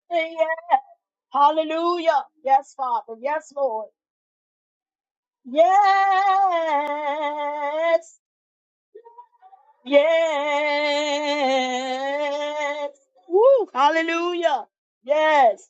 Speaker 1: And yes. Hallelujah. Yes, Father. Yes, Lord. Yes. Yes. Woo. Hallelujah. Yes.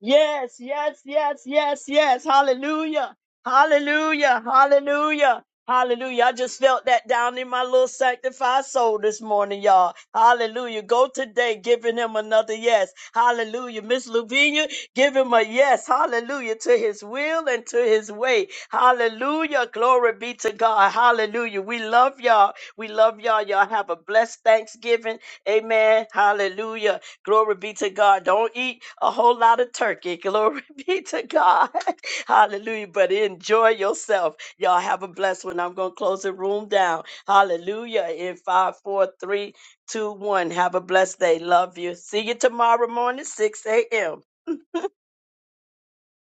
Speaker 1: Yes, yes, yes, yes, yes. Hallelujah. Hallelujah. Hallelujah. Hallelujah. I just felt that down in my little sanctified soul this morning, y'all. Hallelujah. Go today giving him another yes. Hallelujah. Miss Lavinia, give him a yes. Hallelujah. To his will and to his way. Hallelujah. Glory be to God. Hallelujah. We love y'all. We love y'all. Y'all have a blessed Thanksgiving. Amen. Hallelujah. Glory be to God. Don't eat a whole lot of turkey. Glory be to God. Hallelujah. But enjoy yourself. Y'all have a blessed one. I'm going to close the room down. Hallelujah. In five, four, three, two, one. Have a blessed day. Love you. See you tomorrow morning, 6 a.m.